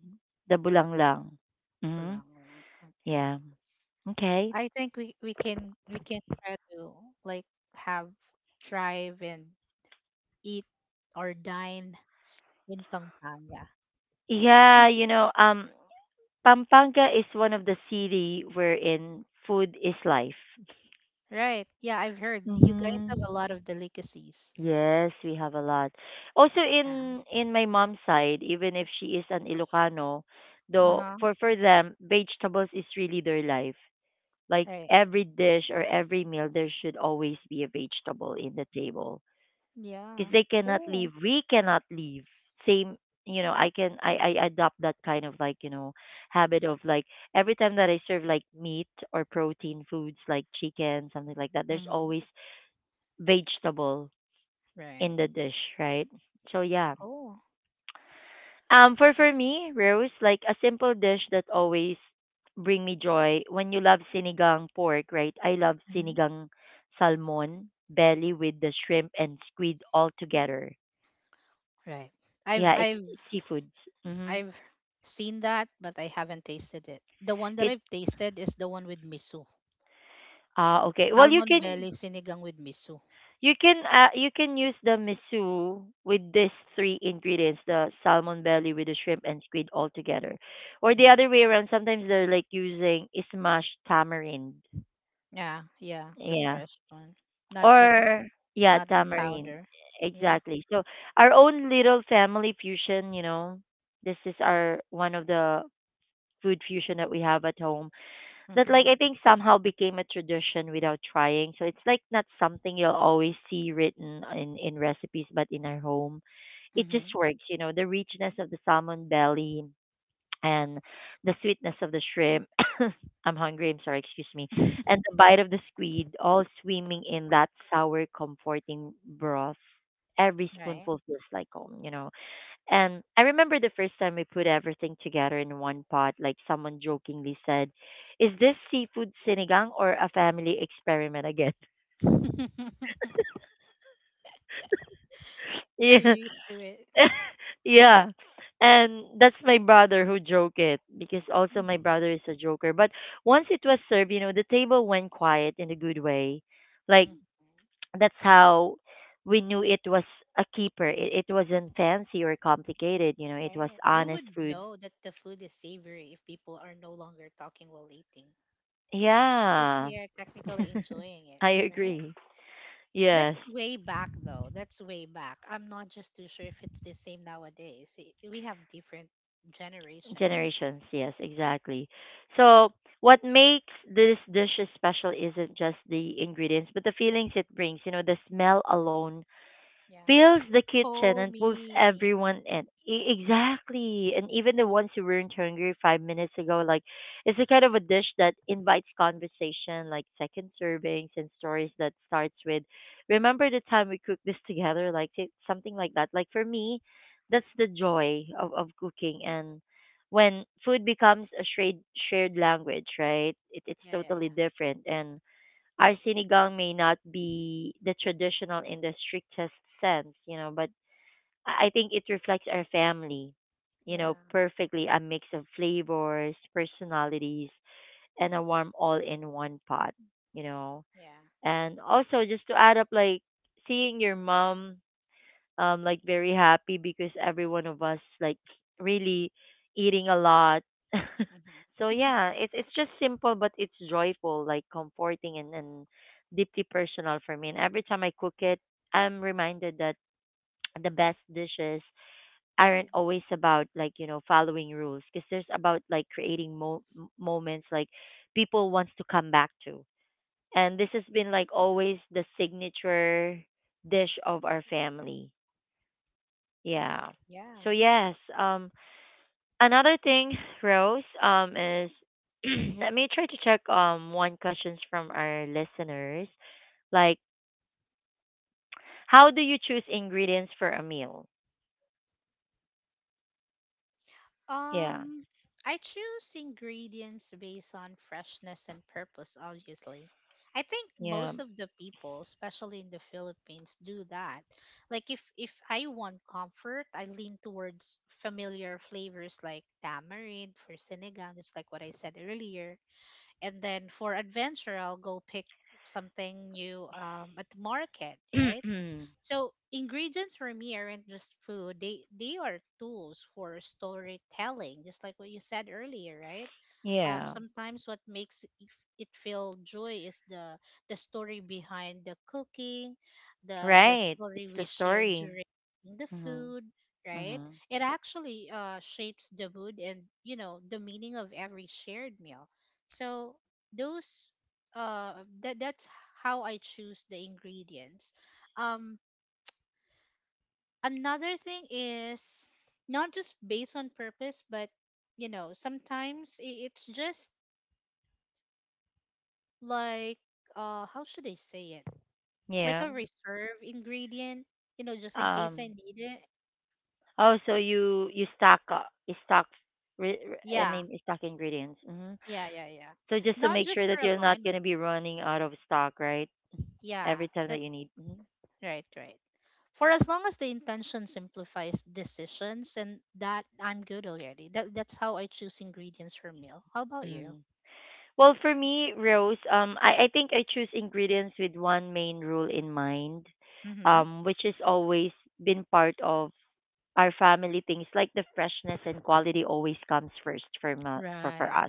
The bulanglang. Hmm.
Bulanglang. Okay.
Yeah. Okay.
I think we can try to like have drive and eat or dine in Pampanga.
Yeah, you know, Pampanga is one of the city wherein food is life.
Right. Yeah, I've heard you guys
Mm-hmm.
have a lot of delicacies.
Yes, we have a lot. Also in
Yeah.
my mom's side, even if she is an Ilocano, though
Uh-huh.
for them, vegetables is really their life. Like
Right.
every dish or every meal, there should always be a vegetable in the table. Because
Yeah.
they cannot
Cool.
leave, we cannot leave. Same. You know, I can I adopt that kind of like, you know, habit of like every time that I serve like meat or protein foods like chicken, something like that, there's
Mm-hmm.
always vegetable in
Right.
the dish, right? So yeah,
Cool.
for me, Rose, like a simple dish that always bring me joy, when you love sinigang pork, right, I love
Hmm.
sinigang salmon belly with the shrimp and squid all together.
Right. I've
Yeah,
I've
it's seafoods. Mm-hmm.
I've seen that, but I haven't tasted it. The one that
It
I've tasted is the one with miso.
okay. Well,
Salmon belly sinigang with miso.
you can use the miso with these three ingredients: the salmon belly with the shrimp and squid all together, or the
Yeah.
other way around. Sometimes they're like using smashed tamarind.
Yeah, yeah, the
Yeah,
fresh one. Not the,
or yeah, tamarind.
powder. Yeah.
Exactly. So our own little family fusion. You know, this is our one of the food fusion that we have at home that like I
Mhm.
think somehow became a tradition without trying. So it's like not something you'll always see written in recipes, but in our home, it just
Mhm.
works. You know, the richness of the salmon belly and the sweetness of the shrimp. <coughs> I'm hungry. I'm sorry. Excuse me. And the bite of the squid, all swimming in that sour, comforting broth. Every
Right.
spoonful feels like home. You know. And I remember the first time we put everything together in one pot, like someone jokingly said, is this seafood sinigang or a family experiment again?
<laughs>
<laughs>
They're
Yeah.
used to it.
<laughs> Yeah. And that's my brother who joke it, because also my
Mhm.
brother is a joker. But once it was served, you know, the table went quiet in a good way. Like
Mhm.
<tsk> that's how we knew it was a keeper. It wasn't fancy or complicated, you know, it was
Right. You
honest
would
food.
know that the food is savory if people are no longer talking while eating because
Yeah.
they are technically
<laughs>
enjoying it,
I
right?
agree. Yes,
That's way back, though. That's way back. I'm not just too sure if it's the same nowadays. We have different generation now.
generations. Yes, exactly. So, what makes this dish special isn't just the ingredients, but the feelings it brings. You know, the smell alone
Yeah.
fills the kitchen and pulls
Homie.
everyone in. Exactly. And even the ones who weren't hungry 5 minutes ago, like it's the kind of a dish that invites conversation, like second servings and stories that starts with, remember the time we cooked this together, like something like that. Like for me, that's the joy of cooking. And when food becomes a shared language, right? It's
Yeah, yeah,
totally
yeah.
different. And our sinigang may not be the traditional in the strictest sense, you know, but I think it reflects our family, you know,
Yeah,
perfectly, a mix of flavors, personalities, and a warm all in one pot, you know.
yeah.
And also, just to add up, like seeing your mom like very happy because every one of us like really eating a lot. <laughs> So
Mm-hmm.
yeah, it's just simple, but it's joyful, like comforting and deeply personal for me. And every time I cook it, I'm reminded that <tsk> the best dishes aren't
Mm-hmm.
always about, like, you know, following rules, because there's about like creating moments like people wants to come back to. And this has been like always the signature dish of our family. Yeah. So
Yeah.
yes, another thing, <sighs> Rose, is <clears throat> let me try to check one questions from our listeners. Like how do you choose ingredients for a meal? Yeah.
Um, I choose ingredients based on freshness and purpose, obviously. I think
Yeah.
most of the people, especially in the Philippines, do that. Like if I want comfort, I lean towards familiar flavors like tamarind for sinigang, just like what I said earlier. And then for adventure, I'll go pick something new, at the market, right?
<clears throat>
So ingredients for me aren't just food. They are tools for storytelling, just like what you said earlier, right?
Yeah.
Sometimes what makes it feel joy is the story behind the cooking, the
Right.
story
It's
we
the
share
story.
during the
Mhm.
food, right?
Mhm.
It actually shapes the mood and you know the meaning of every shared meal. So those that that's how I choose the ingredients. Um another thing is not just based on purpose but sometimes it's just like how should I say it, like
Yeah.
a reserve ingredient, just in case
Um
I need it.
oh, so you stock up, you stock I
Yeah.
mean stock ingredients. Mhm.
Yeah, yeah, yeah.
So just to
Not
make
just
sure that
for
you're not going
alignment.
to be running out of stock, right?
Yeah,
Every time that
that's
you need. Mhm.
right. Right, for as long as the intention simplifies decisions, and that I'm good already. That's how I choose ingredients for meal. How about you?
Mm. Well, for me, Rose, I think I choose ingredients with one main rule in mind,
Mm-hmm.
which has always been part of our family things, like the freshness and quality always comes first for for
Right.
us,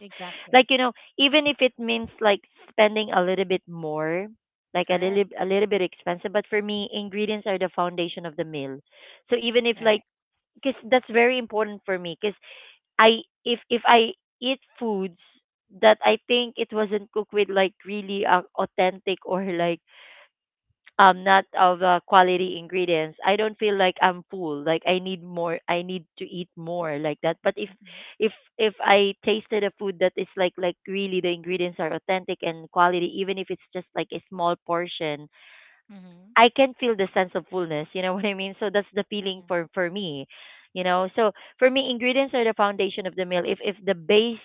like,
Exactly.
you know, even if it means like spending a little bit more, like
Correct.
a little bit expensive. But for me, ingredients are the foundation of the meal. So even if like,
Right.
because that's very important for me, because I if I eat foods that I think it wasn't cooked with like really authentic or like not of quality ingredients, I don't feel like I'm full. Like I need more. I need to eat more like that. But
Mm-hmm.
if I tasted a food that is like really the ingredients are authentic and quality, even if it's just like a small portion,
Mm-hmm.
I can feel the sense of fullness, you know, <laughs> what I mean? So that's the feeling
Mm-hmm.
for me, you know. So for me, ingredients are the foundation of the meal. If the base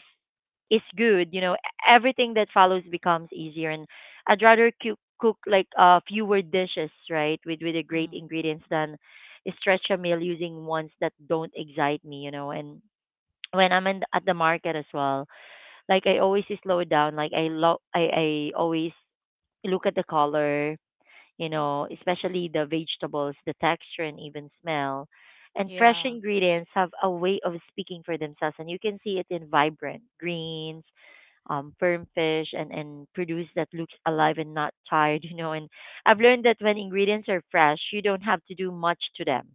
is good, you know, everything that follows becomes easier. And I'd rather cook like fewer dishes, right, with the great
Mm-hmm.
ingredients than stretch a meal using ones that don't excite me, you know. And when at the market as well, like I always slow down. Like I lo- I always look at the color, you know, especially the vegetables, the texture, and even smell. And fresh
Yeah.
ingredients have a way of speaking for themselves, and you can see it in vibrant greens, firm fish, and produce that looks alive and not tired, <laughs> you know. And I've learned that when ingredients are fresh, you don't have to do much to them.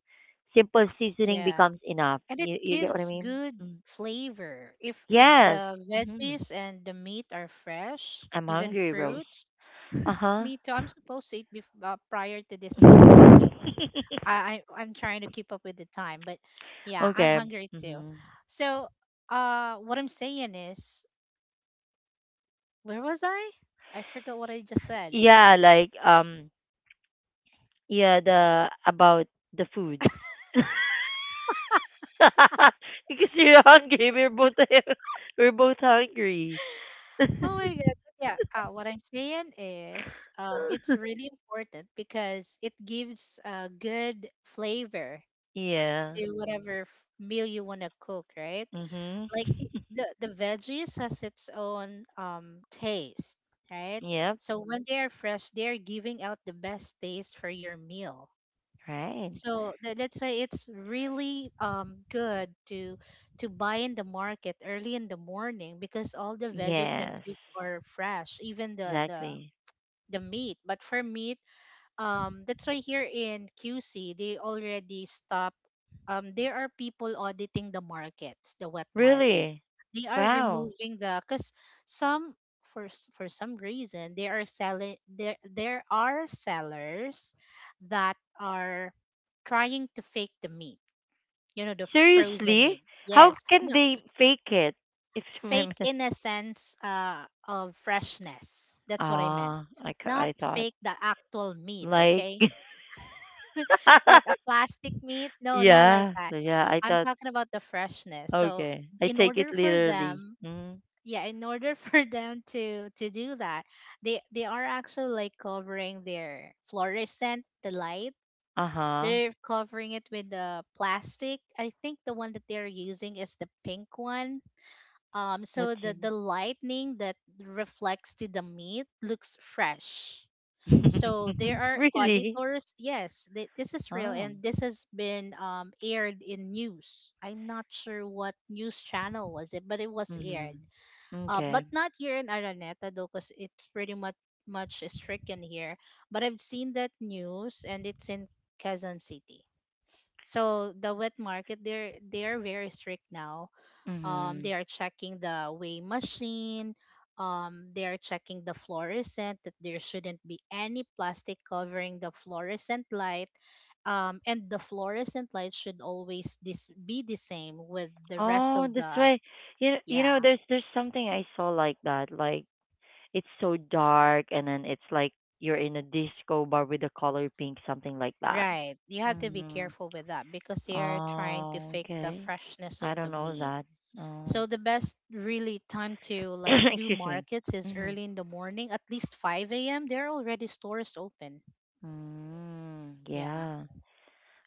Simple seasoning
Yeah.
becomes enough.
And it
You get what I
gives
mean?
good
Mm.
flavor. If
Yes.
the
Hmm.
veggies and the meat are fresh,
I'm
even
hungry, Rose.
fruits.
Uh huh.
Me too. I'm supposed to eat before, prior to this podcast, but
<laughs>
I'm trying to keep up with the time. But yeah, I'm
Okay.
hungry too.
Hmm.
So, what I'm saying is, where was I? I forgot what I just said.
Yeah, like yeah, the about the food. <laughs> Because you're hungry, we're both <laughs> we're both hungry.
Oh my God. But yeah, what I'm saying is, it's
<laughs>
really important because it gives a good flavor
Yeah.
to whatever meal you want to cook, right?
Mhm.
Like it, the veggies has its own taste, right?
Yep.
So when they are fresh, they are giving out the best taste for your meal.
Right.
So that's why it's really good to buy in the market early in the morning because all the veggies and
Yes.
fruits are fresh, even the the
Exactly.
the meat. But for meat, that's why here in QC they already stop. There are people auditing the markets, the wet market.
Really?
They are
Wow.
removing the, cuz some, for some reason they are selling there are sellers that are trying to fake the meat, you know, the frozen
Seriously?
meat.
How
Yes,
can
no.
they fake it? If <laughs> my
Fake in a sense, of freshness, that's what I meant.
ah,
Not
I thought
fake the actual meat.
like
Okay. What, a
<laughs>
plastic meat? No, not like
yeah,
that.
yeah. I
I'm
thought
talking about the freshness. So,
okay. I
in
take it
order for
literally.
them,
Mm.
yeah, in order <laughs> for them to do that, they are actually like covering their fluorescent, the light.
Uh huh.
They're covering it with the plastic. I think the one that they're using is the pink one.
What
So
do
the
you
the lightning that reflects to the meat looks fresh. So there
mean?
are
<laughs> Really?
auditors. Yes, this is real,
Oh.
and this has been, aired in news. I'm not sure what news channel was it, but it was aired.
Mhm.
But
Okay.
not here in Araneta, though, because it's pretty much stricken here. But I've seen that news, and it's in Quezon City. So the wet market, they are very strict now.
Mhm.
They are checking the weigh machine. They are checking the fluorescent, that there shouldn't be any plastic covering the fluorescent light. And the fluorescent light should always this be the same with the rest
Oh,
of
that's
the—
why.
yeah,
There's something I saw like that. Like it's so dark, and then it's like you're in a disco bar with the color pink, something like that.
right, you have to be
Mhm.
careful with that because they are trying to
Oh,
fake the
okay.
freshness
I
of the
don't know
meat.
that. Oh.
So the best really time to
<coughs>
like do
Excuse me.
markets is
Mhm.
early in the morning, at least 5 a.m. There are already stores open.
Mm,
Yeah.
yeah.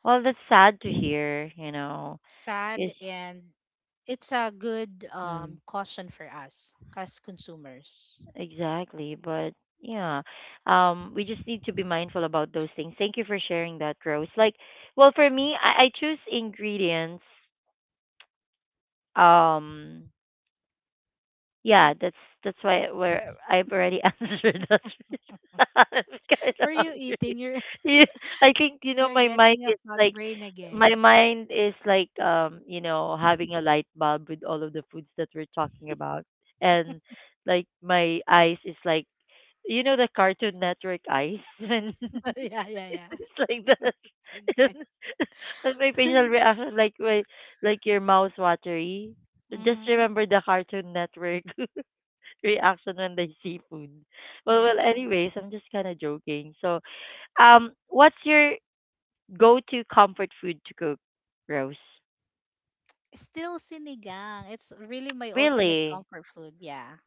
Well, that's sad to hear, you know, because
Sad, and it's a good
mm,
caution for us as consumers.
exactly. But yeah, we just need to be mindful about those things. Thank you for sharing that, Rose. Like, well, for me, I choose ingredients. Um, Yeah, that's why where I've already <laughs> answered that. <laughs> I'm kind
Were
of
you eating?
hungry. <laughs>
You're <laughs>
Yeah, I think you know
you're
my mind
getting a
is
fog brain
my
again.
mind is like you know having a light bulb with all of the foods that we're talking about, and like my eyes is like you know the Cartoon Network eyes <laughs> when <laughs>
<laughs> Yeah, yeah, yeah.
it's like that, <laughs>
Okay.
and my facial
<laughs>
reaction like my like your mouth watery. Just
Mm-hmm.
remember the Cartoon Network. <laughs> reaction when they see food. Well,
Yeah.
anyways, I'm just kind of joking. So, what's your go-to comfort food to cook, Rose?
Still sinigang. It's really my ultimate
Really?
comfort food. Yeah.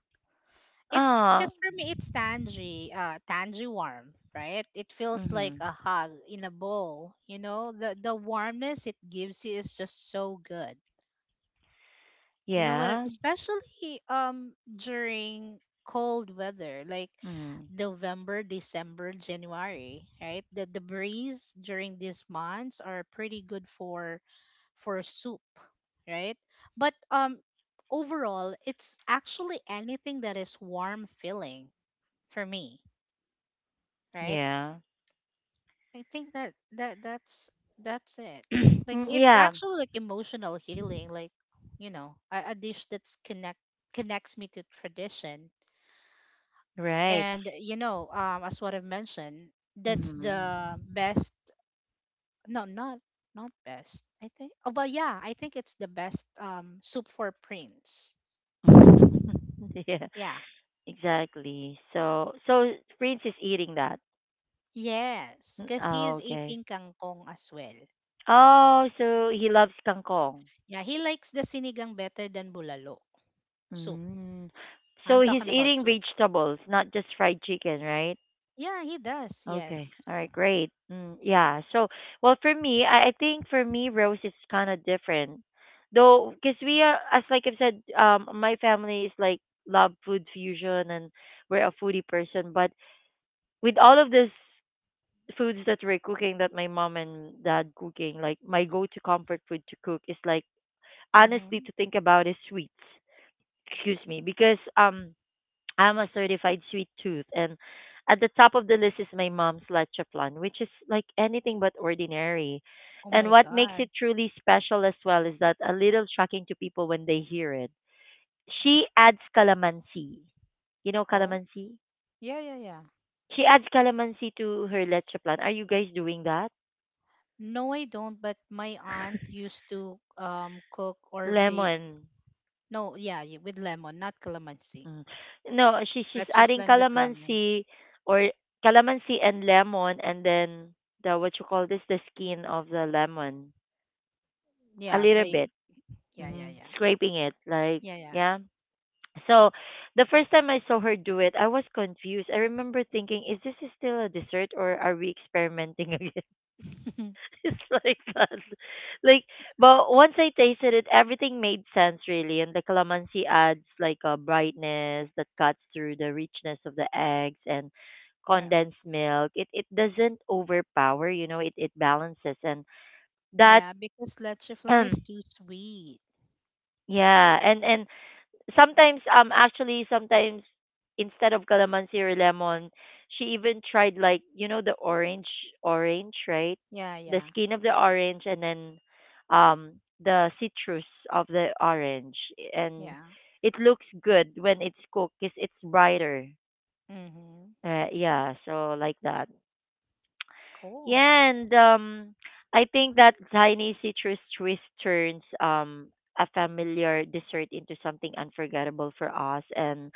It's
Ah,
because for me, it's tangy, tangy warm, right? It feels
mm-hmm.
like a hug in a bowl. You know, the warmness it gives you is just so good. You know what?
Yeah.
Especially during cold weather, like
Mm,
November, December, January, right? The breeze during these months are pretty good for soup, right? But overall, it's actually anything that is warm feeling for me, right?
yeah.
I think that that's that's it.
<clears throat>
Like
Mm,
it's
yeah.
actually like emotional healing, like, you know, a dish that's connects me to tradition.
Right.
And you know, as what I've mentioned, that's
Mm.
the best. No, not best. I think. Oh, but yeah, I think it's the best soup for Prince.
<laughs> yeah.
Yeah.
Exactly. So Prince is eating that.
Yes,
Mm,
because
oh,
he's
okay.
eating kangkong as well.
Oh, so he loves kangkong.
Yeah, he likes the sinigang better than bulalo soup.
Mm. So
I'm
he's
talking about
eating
soup.
vegetables, not just fried chicken, right?
Yeah, he does.
Okay.
Yes.
All right. Great. Mm, yeah. So, well, for me, I think for me, Rose is kind of different, though, because we are, as like I've said, my family is like love food fusion, and we're a foodie person. But with all of this foods that we're cooking, that my mom and dad cooking, like my go-to comfort food to cook is like honestly
Mm-hmm.
to think about is sweets. Excuse me, because I'm a certified sweet tooth, and at the top of the list is my mom's leche plan, which is like anything but ordinary.
Oh
And
my
what makes
God.
it truly special as well is that a little shocking to people when they hear it. She adds calamansi. You know
Oh,
calamansi?
yeah, yeah, yeah.
She adds calamansi to her leche plan. Are you guys doing that?
No, I don't. But my aunt
<laughs>
used to cook or bake.
Lemon.
No, yeah, with lemon, not calamansi.
Mm. No, she's adding
Bacheflan with lemon.
calamansi or calamansi and lemon and then the what you call this the skin of the lemon. A
Yeah,
little
by
bit.
yeah, yeah,
Hmm.
yeah,
Scraping it, like,
yeah, yeah.
yeah. So the first time I saw her do it, I was confused. I remember thinking, is this still a dessert or are we experimenting again?
<laughs>
<laughs> It's like that. Like, but once I tasted it, everything made sense really. And the calamansi adds like a brightness that cuts through the richness of the eggs and
Yeah,
condensed milk. It doesn't overpower, you know, it balances and that
yeah, because leche flan is too
<clears throat>
sweet.
yeah, and sometimes actually sometimes instead of calamansi or lemon she even tried like you know the orange right
Yeah,
the
yeah,
skin of the orange and then the citrus of the orange and
yeah.
it looks good when it's cooked because it's brighter.
Mm-hmm.
Uh, yeah, so like that.
Cool.
Yeah, and I think that tiny citrus twist turns a familiar dessert into something unforgettable for us. And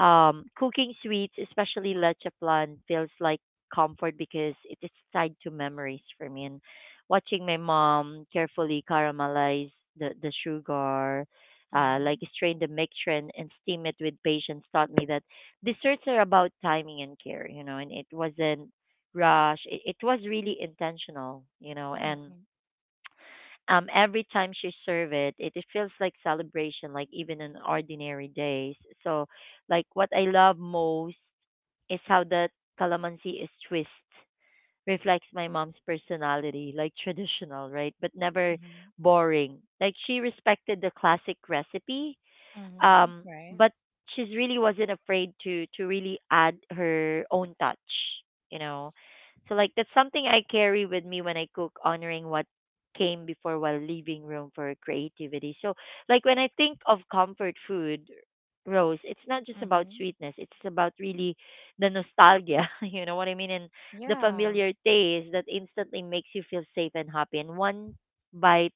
cooking sweets, especially leche plan, feels like comfort because it is tied to memories for me. And watching my mom carefully caramelize the sugar, like
Mm-hmm.
strain the mixture and, steam it with patience taught me that desserts are about timing and care, you know, and it wasn't rush. It was really intentional, you know, and
Mm-hmm.
every time she serve it, it feels like celebration like even on ordinary days. So like what I love most is how the calamansi is twist reflects my mom's personality, like traditional right but never
Mm-hmm.
boring, like she respected the classic recipe.
Mm-hmm.
um,
Right.
but she really wasn't afraid to really add her own touch, you know. So like that's something I carry with me when I cook, honoring what came before while leaving room for creativity. So like when I think of comfort food, Rose, it's not just about
Mm-hmm.
sweetness. It's about really the nostalgia, <laughs> you know what I mean? And the
Yeah.
familiar taste that instantly makes you feel safe and happy. And one bite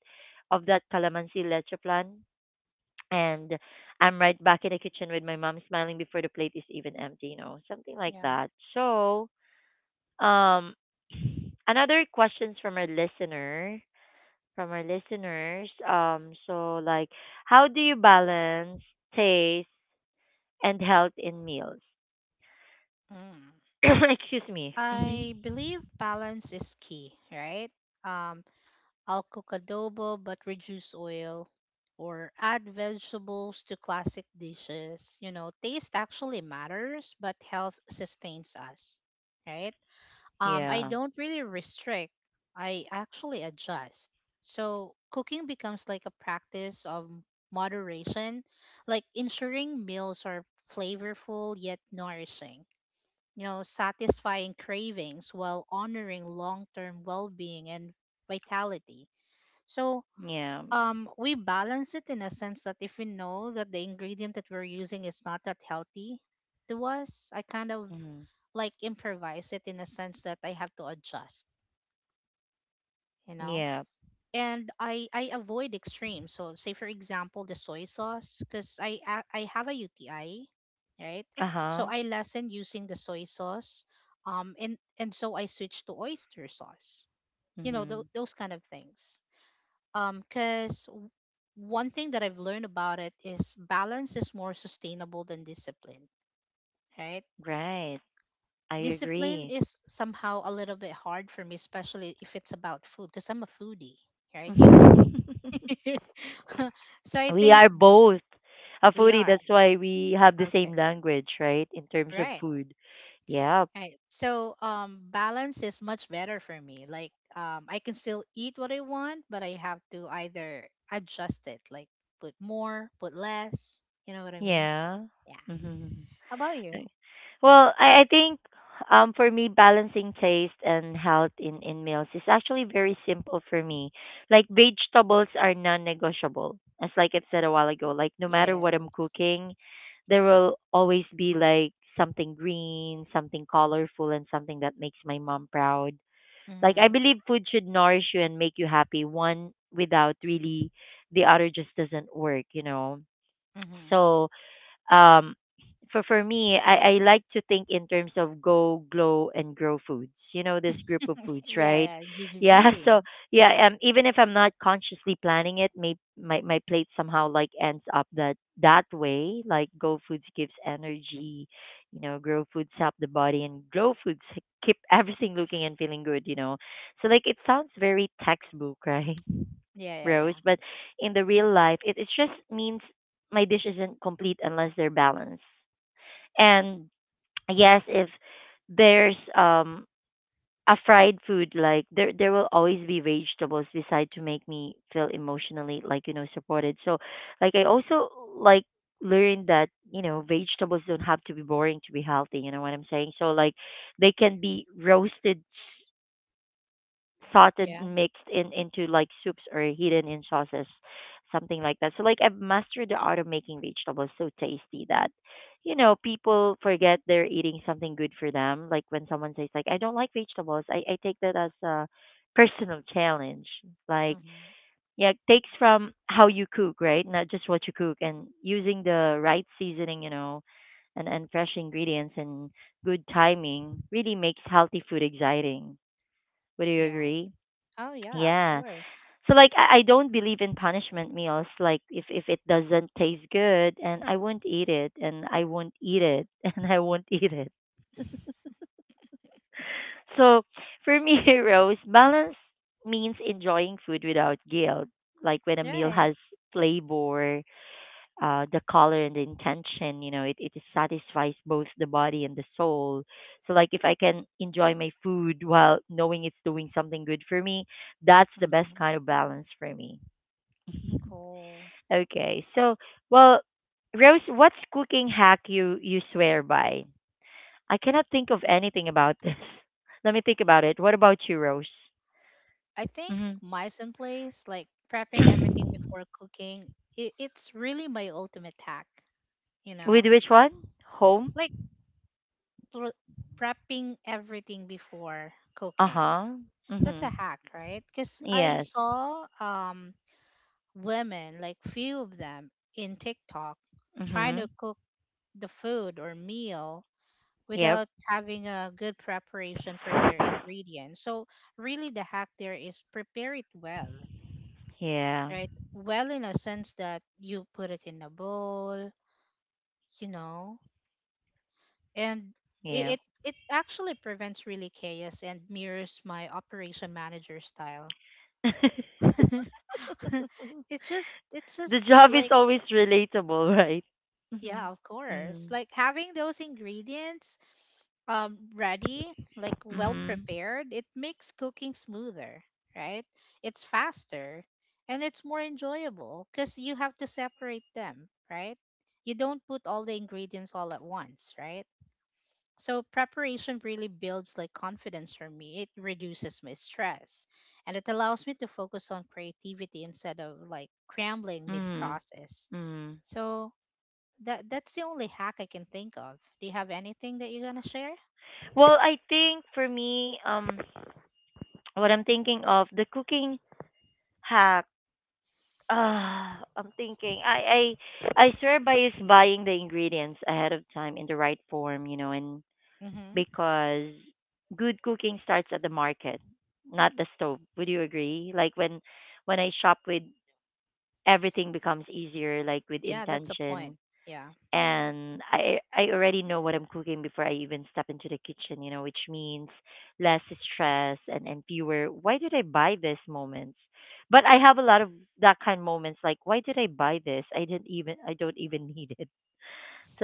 of that calamansi leche plan and I'm right back in the kitchen with my mom smiling before the plate is even empty, you know, something like
Yeah.
that. So, um, another questions from our listener, from our listeners. So like, how do you balance taste and health in meals?
Mm.
<coughs> <clears throat> Excuse me. Hmm.
I believe balance is key, right? Um, I'll cook adobo but reduce oil or add vegetables to classic dishes. You know, taste actually matters, but health sustains us, right? I
Yeah.
don't really restrict, I actually adjust. So cooking becomes like a practice of moderation, like ensuring meals are flavorful yet nourishing, satisfying cravings while honoring long term well being and vitality. So,
Yeah.
we balance it in a sense that if we know that the ingredient that we're using is not that healthy to us, I kind of
Hmm.
like improvise it in a sense that I have to adjust, you know?
Yeah.
And I avoid extremes. So say for example the soy sauce, because I have a UTI, right?
Uh
So
huh.
I lessen using the soy sauce, and so I switch to oyster sauce. You know
Hmm.
those kind of things. Because one thing that I've learned about it is balance is more sustainable than discipline, right?
Right. I
Discipline
agree.
is somehow a little bit hard for me, especially if it's about food, because I'm a foodie, right? You know me.
<laughs>
<laughs> So I
We
think
are both a
we
foodie.
are.
That's why we have the
Okay.
same language, right? In terms of
Right.
food. Yeah.
Right. So balance is much better for me. Like I can still eat what I want, but I have to either adjust it, like put more, put less. You know what I mean?
Yeah.
Yeah.
Mhm.
How about you?
Well, I think for me balancing taste and health in meals is actually very simple for me. Like vegetables are non negotiable. As like I've said a while ago, like no matter what I'm
Yes.
cooking, there will always be like something green, something colorful and something that makes my mom proud. Like I
Mhm.
believe food should nourish you and make you happy. One without really the other just doesn't work, you know.
Mhm.
So um for me I like to think in terms of go glow and grow foods you know this group of
<laughs>
foods right.
Yeah, yeah. G G
Yeah <laughs>
G.
so yeah even if I'm not consciously planning it may my plate somehow like ends up that way, like go foods gives energy you know grow foods help the body and grow foods <laughs> keep everything looking and feeling good you know. So like it sounds very textbook <laughs> right
Yeah, yeah,
Rose,
yeah.
but in the real life, it just means my dish isn't complete unless they're balanced. And yes, if there's a fried food like there will always be vegetables beside to make me feel emotionally like you know supported. So like I also like learned that you know vegetables don't have to be boring to be healthy. You know what I'm saying? So like they can be roasted sauteed
Yeah.
mixed in into like soups or hidden in sauces something like that. So like I've mastered the art of making vegetables so tasty that you know people forget they're eating something good for them. Like when someone says like I don't like vegetables, I take that as a <laughs> personal challenge like
Mhm.
yeah it takes from how you cook right not just what you cook and using the right seasoning you know and fresh ingredients and good timing really makes healthy food exciting would you
Yeah.
agree.
Oh yeah, of
Yeah.
course.
So like I don't believe in punishment meals. Like if it doesn't taste good and I won't eat it and I won't eat it <laughs> and I won't eat it.
<laughs>
So for me, <laughs> Rose, balance means enjoying food without guilt. Like when a meal
Right.
has flavor, the color and the intention, you know, it satisfies both the body and the soul. So like if I can enjoy my food while knowing it's doing something good for me, that's the best
Mhm.
kind of balance for me. <laughs>
Cool.
Okay. So, well, Rose, what's cooking hack you swear by? I cannot think of anything about this. <laughs> Let me think about it. What about you, Rose?
I think
Hmm.
mice in place, like prepping everything before cooking, it's really my ultimate hack, you
With
know?
which one? Home?
Like prepping everything before
Uh
cooking.
huh.
That's a
Mm-hmm.
hack, right? Because I
Yes.
saw women, like few of them in TikTok, trying
Mm-hmm.
to cook the food or meal
Yep.
without having a good preparation for their ingredients. So really the hack there is prepare it well,
Yeah.
right? Well, in a sense that you put it in a bowl, you know, and it,
Yep.
it it actually prevents really chaos and mirrors my operation manager style.
<laughs>
<laughs> it's just it's
The
just
job is
like,
always relatable, <laughs> right?
yeah, of
Mm-hmm.
course.
Mm-hmm.
Like having those ingredients ready, like well
Mm-hmm.
prepared, it makes cooking smoother, right? It's faster and it's more enjoyable because you have to separate them, right? You don't put all the ingredients all at once, right? So preparation really builds like confidence for me. It reduces my stress and it allows me to focus on creativity instead of like scrambling mid
Mm-hmm.
process.
Mm.
So that's the only hack I can think of. Do you have anything that you're gonna share?
Well, I think for me, what I'm thinking of the cooking hack. Ah, I'm thinking. I swear by is buying the ingredients ahead of time in the right form, you know, and
Mm-hmm.
because good cooking starts at the market, not the stove. Would you agree? Like when I shop with everything becomes easier, like with
Yeah, that's a point.
intention
Yeah.
and I already know what I'm cooking before I even step into the kitchen, you know, which means less stress and fewer. Why did I buy this moments? But I have a lot of that kind of moments like why did I buy this? I didn't even I don't even <laughs> need it.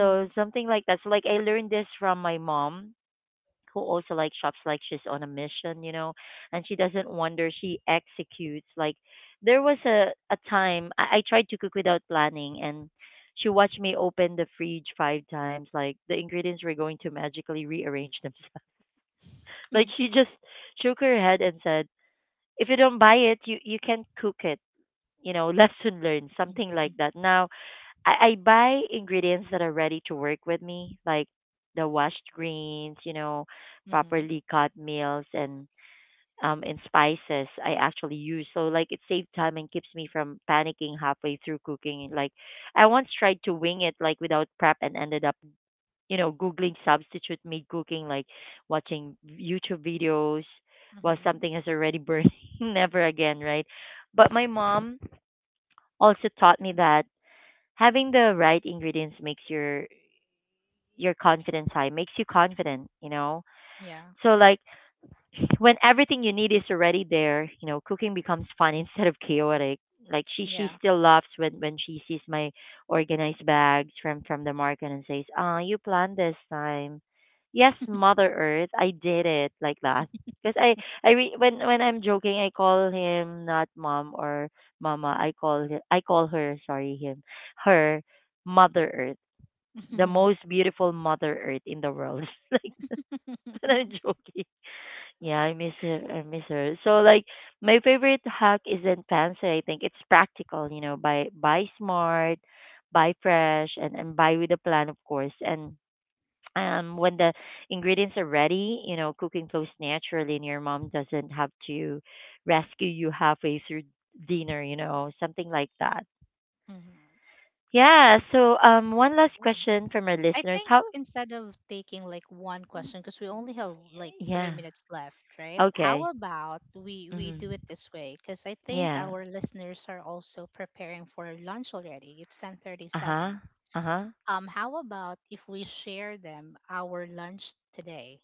Mm.
something like that. So like I learned this from my mom who also like shops like she's on a mission, you know, and she doesn't wonder, she executes. Like there was a time I tried to cook without planning and she watched me open the fridge five times, like the ingredients were going to magically rearrange themselves. <laughs> Like she
<laughs>
just shook her head and said, if you don't buy it, you can't cook it. You know, <laughs> lesson learned, something like that. Now I buy ingredients that are ready to work with me, like the washed greens, you know,
Mm-hmm.
properly cut meals and and spices I actually use. So like it saves time and keeps me from panicking halfway through cooking. Like I once tried to wing it like without prep and ended up, googling substitute mid cooking, like watching YouTube videos while
Mm-hmm.
something is already burning. <laughs> Never again, right? But my mom also taught me that having the right ingredients makes your confidence high, makes you confident, you know.
Yeah.
So like when everything you need is already there, you know, cooking becomes fun <laughs> instead of chaotic. Like she
Yeah.
still laughs when she sees my organized bags from the market and says, ah, you planned this time. Yes, mother earth, I did it like that. Because when I'm joking, I call him, not mom or mama, I call I call her, sorry, him, her, mother Earth, the
Mhm.
most beautiful Mother Earth in the world. <laughs> Like, I'm
<laughs>
joking. Yeah, I miss her. I miss her. So, like, my favorite hack isn't fancy. I think it's practical. You know, buy smart, buy fresh, and buy with a plan, of course. And when the ingredients are ready, you know, cooking flows naturally, and your mom doesn't have to rescue you halfway through dinner. You know, something like that.
Mhm.
Yeah. So, one last
Cool.
question from our
I
listeners.
think
How?
instead of taking like one question, because we only have like three
Yeah.
minutes left, right? How
Okay.
about we do it
hmm
this way? Because I think
Yeah.
our listeners are also preparing for lunch already. It's ten thirty
Uh huh.
seven.
Uh huh.
How about if we share them our lunch today?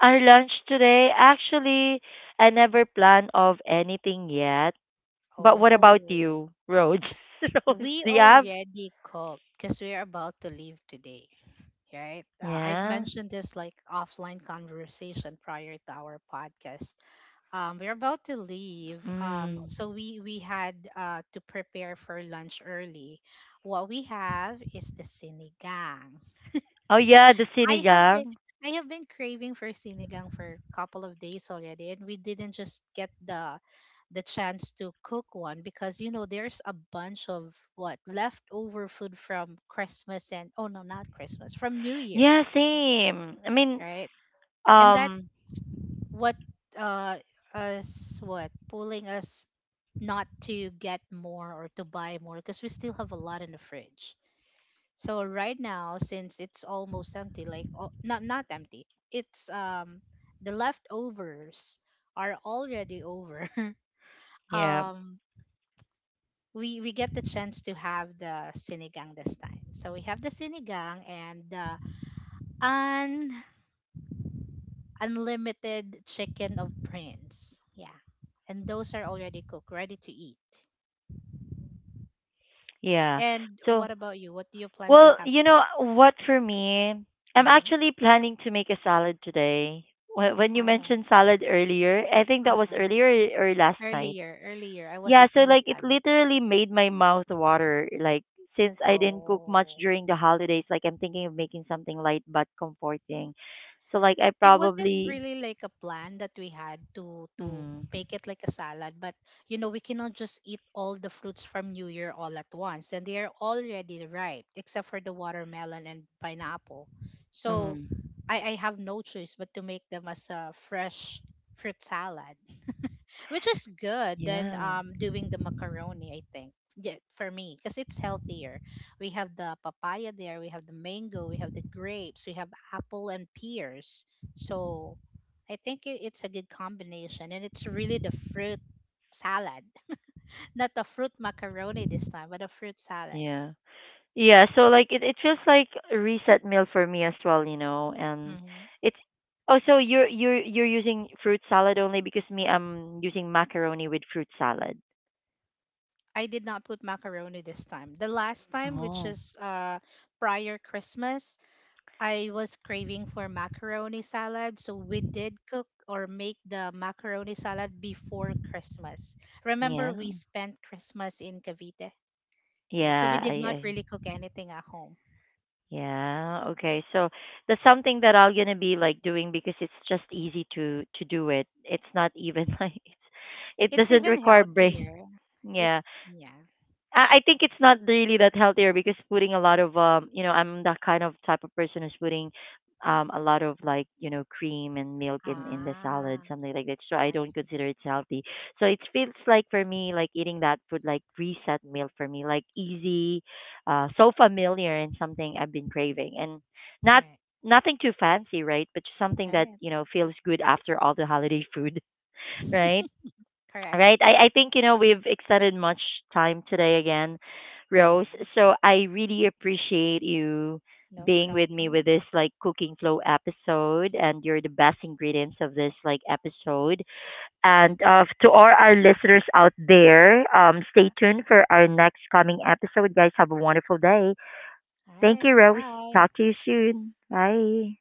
Our lunch today, actually, I never plan of anything yet. But
Oh,
what about you, Rose? <laughs> Rose,
we
do you have?
already cooked because we're about to leave today, right? I've
Yeah.
mentioned this like offline conversation prior to our podcast. We're about to leave,
Mm.
so we had to prepare for lunch early. What we have is the sinigang.
Oh yeah, the
I have been
sinigang.
I have been craving for sinigang for a couple of days already, and we didn't just get the chance to cook one because you know there's a bunch of what leftover food from Christmas and, oh no, not Christmas, from New Year,
Yeah, same. I mean,
right? And that
um,
what uh us what pulling us not to get more or to buy more because we still have a lot in the fridge. So right now, since it's almost empty, like, oh, not empty, it's the leftovers are already over. <laughs>
yeah,
um, we get the chance to have the sinigang this time. So we have the sinigang and the un unlimited chicken of prince. Yeah, and those are already cooked, ready to eat.
yeah.
And
So,
what about you? What do you plan to
well,
have
you
for.
know what? For me, I'm
Hmm.
actually planning to make a salad today. When you
Salad?
mentioned salad earlier, I think
Uh
that was
huh.
earlier or last night.
Earlier, I was
Yeah, so
eating the
like it
salad.
literally made my mouth water. Like since I didn't cook much
Oh,
during the holidays, like I'm thinking of making something light but comforting. So like I
it wasn't
probably
really like a plan that we had to
mm,
make it like a salad, but you know, we cannot just eat all the fruits from New Year all at once, and they are already ripe except for the watermelon and pineapple. So
mm,
I have no choice but to make them as a fresh fruit salad, which is good than
yeah.
doing the macaroni, I think. Yeah, for me, because it's healthier. We have the papaya there, we have the mango, we have the grapes, we have apple and pears. So I think it's a good combination, and it's really the fruit salad, <laughs> not the fruit macaroni this time, but a fruit salad.
Yeah. Yeah, so like it feels like a reset meal for me as well, you know. And
hmm
it's, oh, so you're using fruit salad only, because me, I'm using macaroni with fruit salad.
I did not put macaroni this time. The last time, which
Oh,
is prior Christmas, I was craving for macaroni salad, so we did cook or make the macaroni salad before Christmas. Remember,
yeah.
we spent Christmas in Cavite, right? So we
Yeah,
did not
I,
really cook anything at home.
yeah. Okay. So that's something that I'm gonna be like doing because it's just easy to do it. It's not even <laughs> like it
It's
doesn't
even
require brain.
healthier. It,
Yeah.
yeah.
I think it's not really that healthier because putting a lot of you know, I'm that kind of type of person who's putting a lot of, like, you know, cream and milk in the salad,
Ah,
something like that, so I
I
don't
see.
consider it healthy. So it feels like for me like eating that food, like reset meal for me, like easy, so familiar and something I've been craving and not,
Right,
nothing too fancy, right, but something that,
right.
you know, feels good after all the holiday food. <laughs> Right.
<laughs> Correct.
Right. I think, you know, we've extended much time today again, Rose.
Hmm.
So I really appreciate you
No
being with me
problem.
with this like cooking flow episode, and you're the best ingredients of this like episode. And to all our listeners out there, stay tuned for our next coming episode. Guys, have a wonderful day.
All
Thank
right.
you, Rose.
Bye.
Talk to you soon. Bye.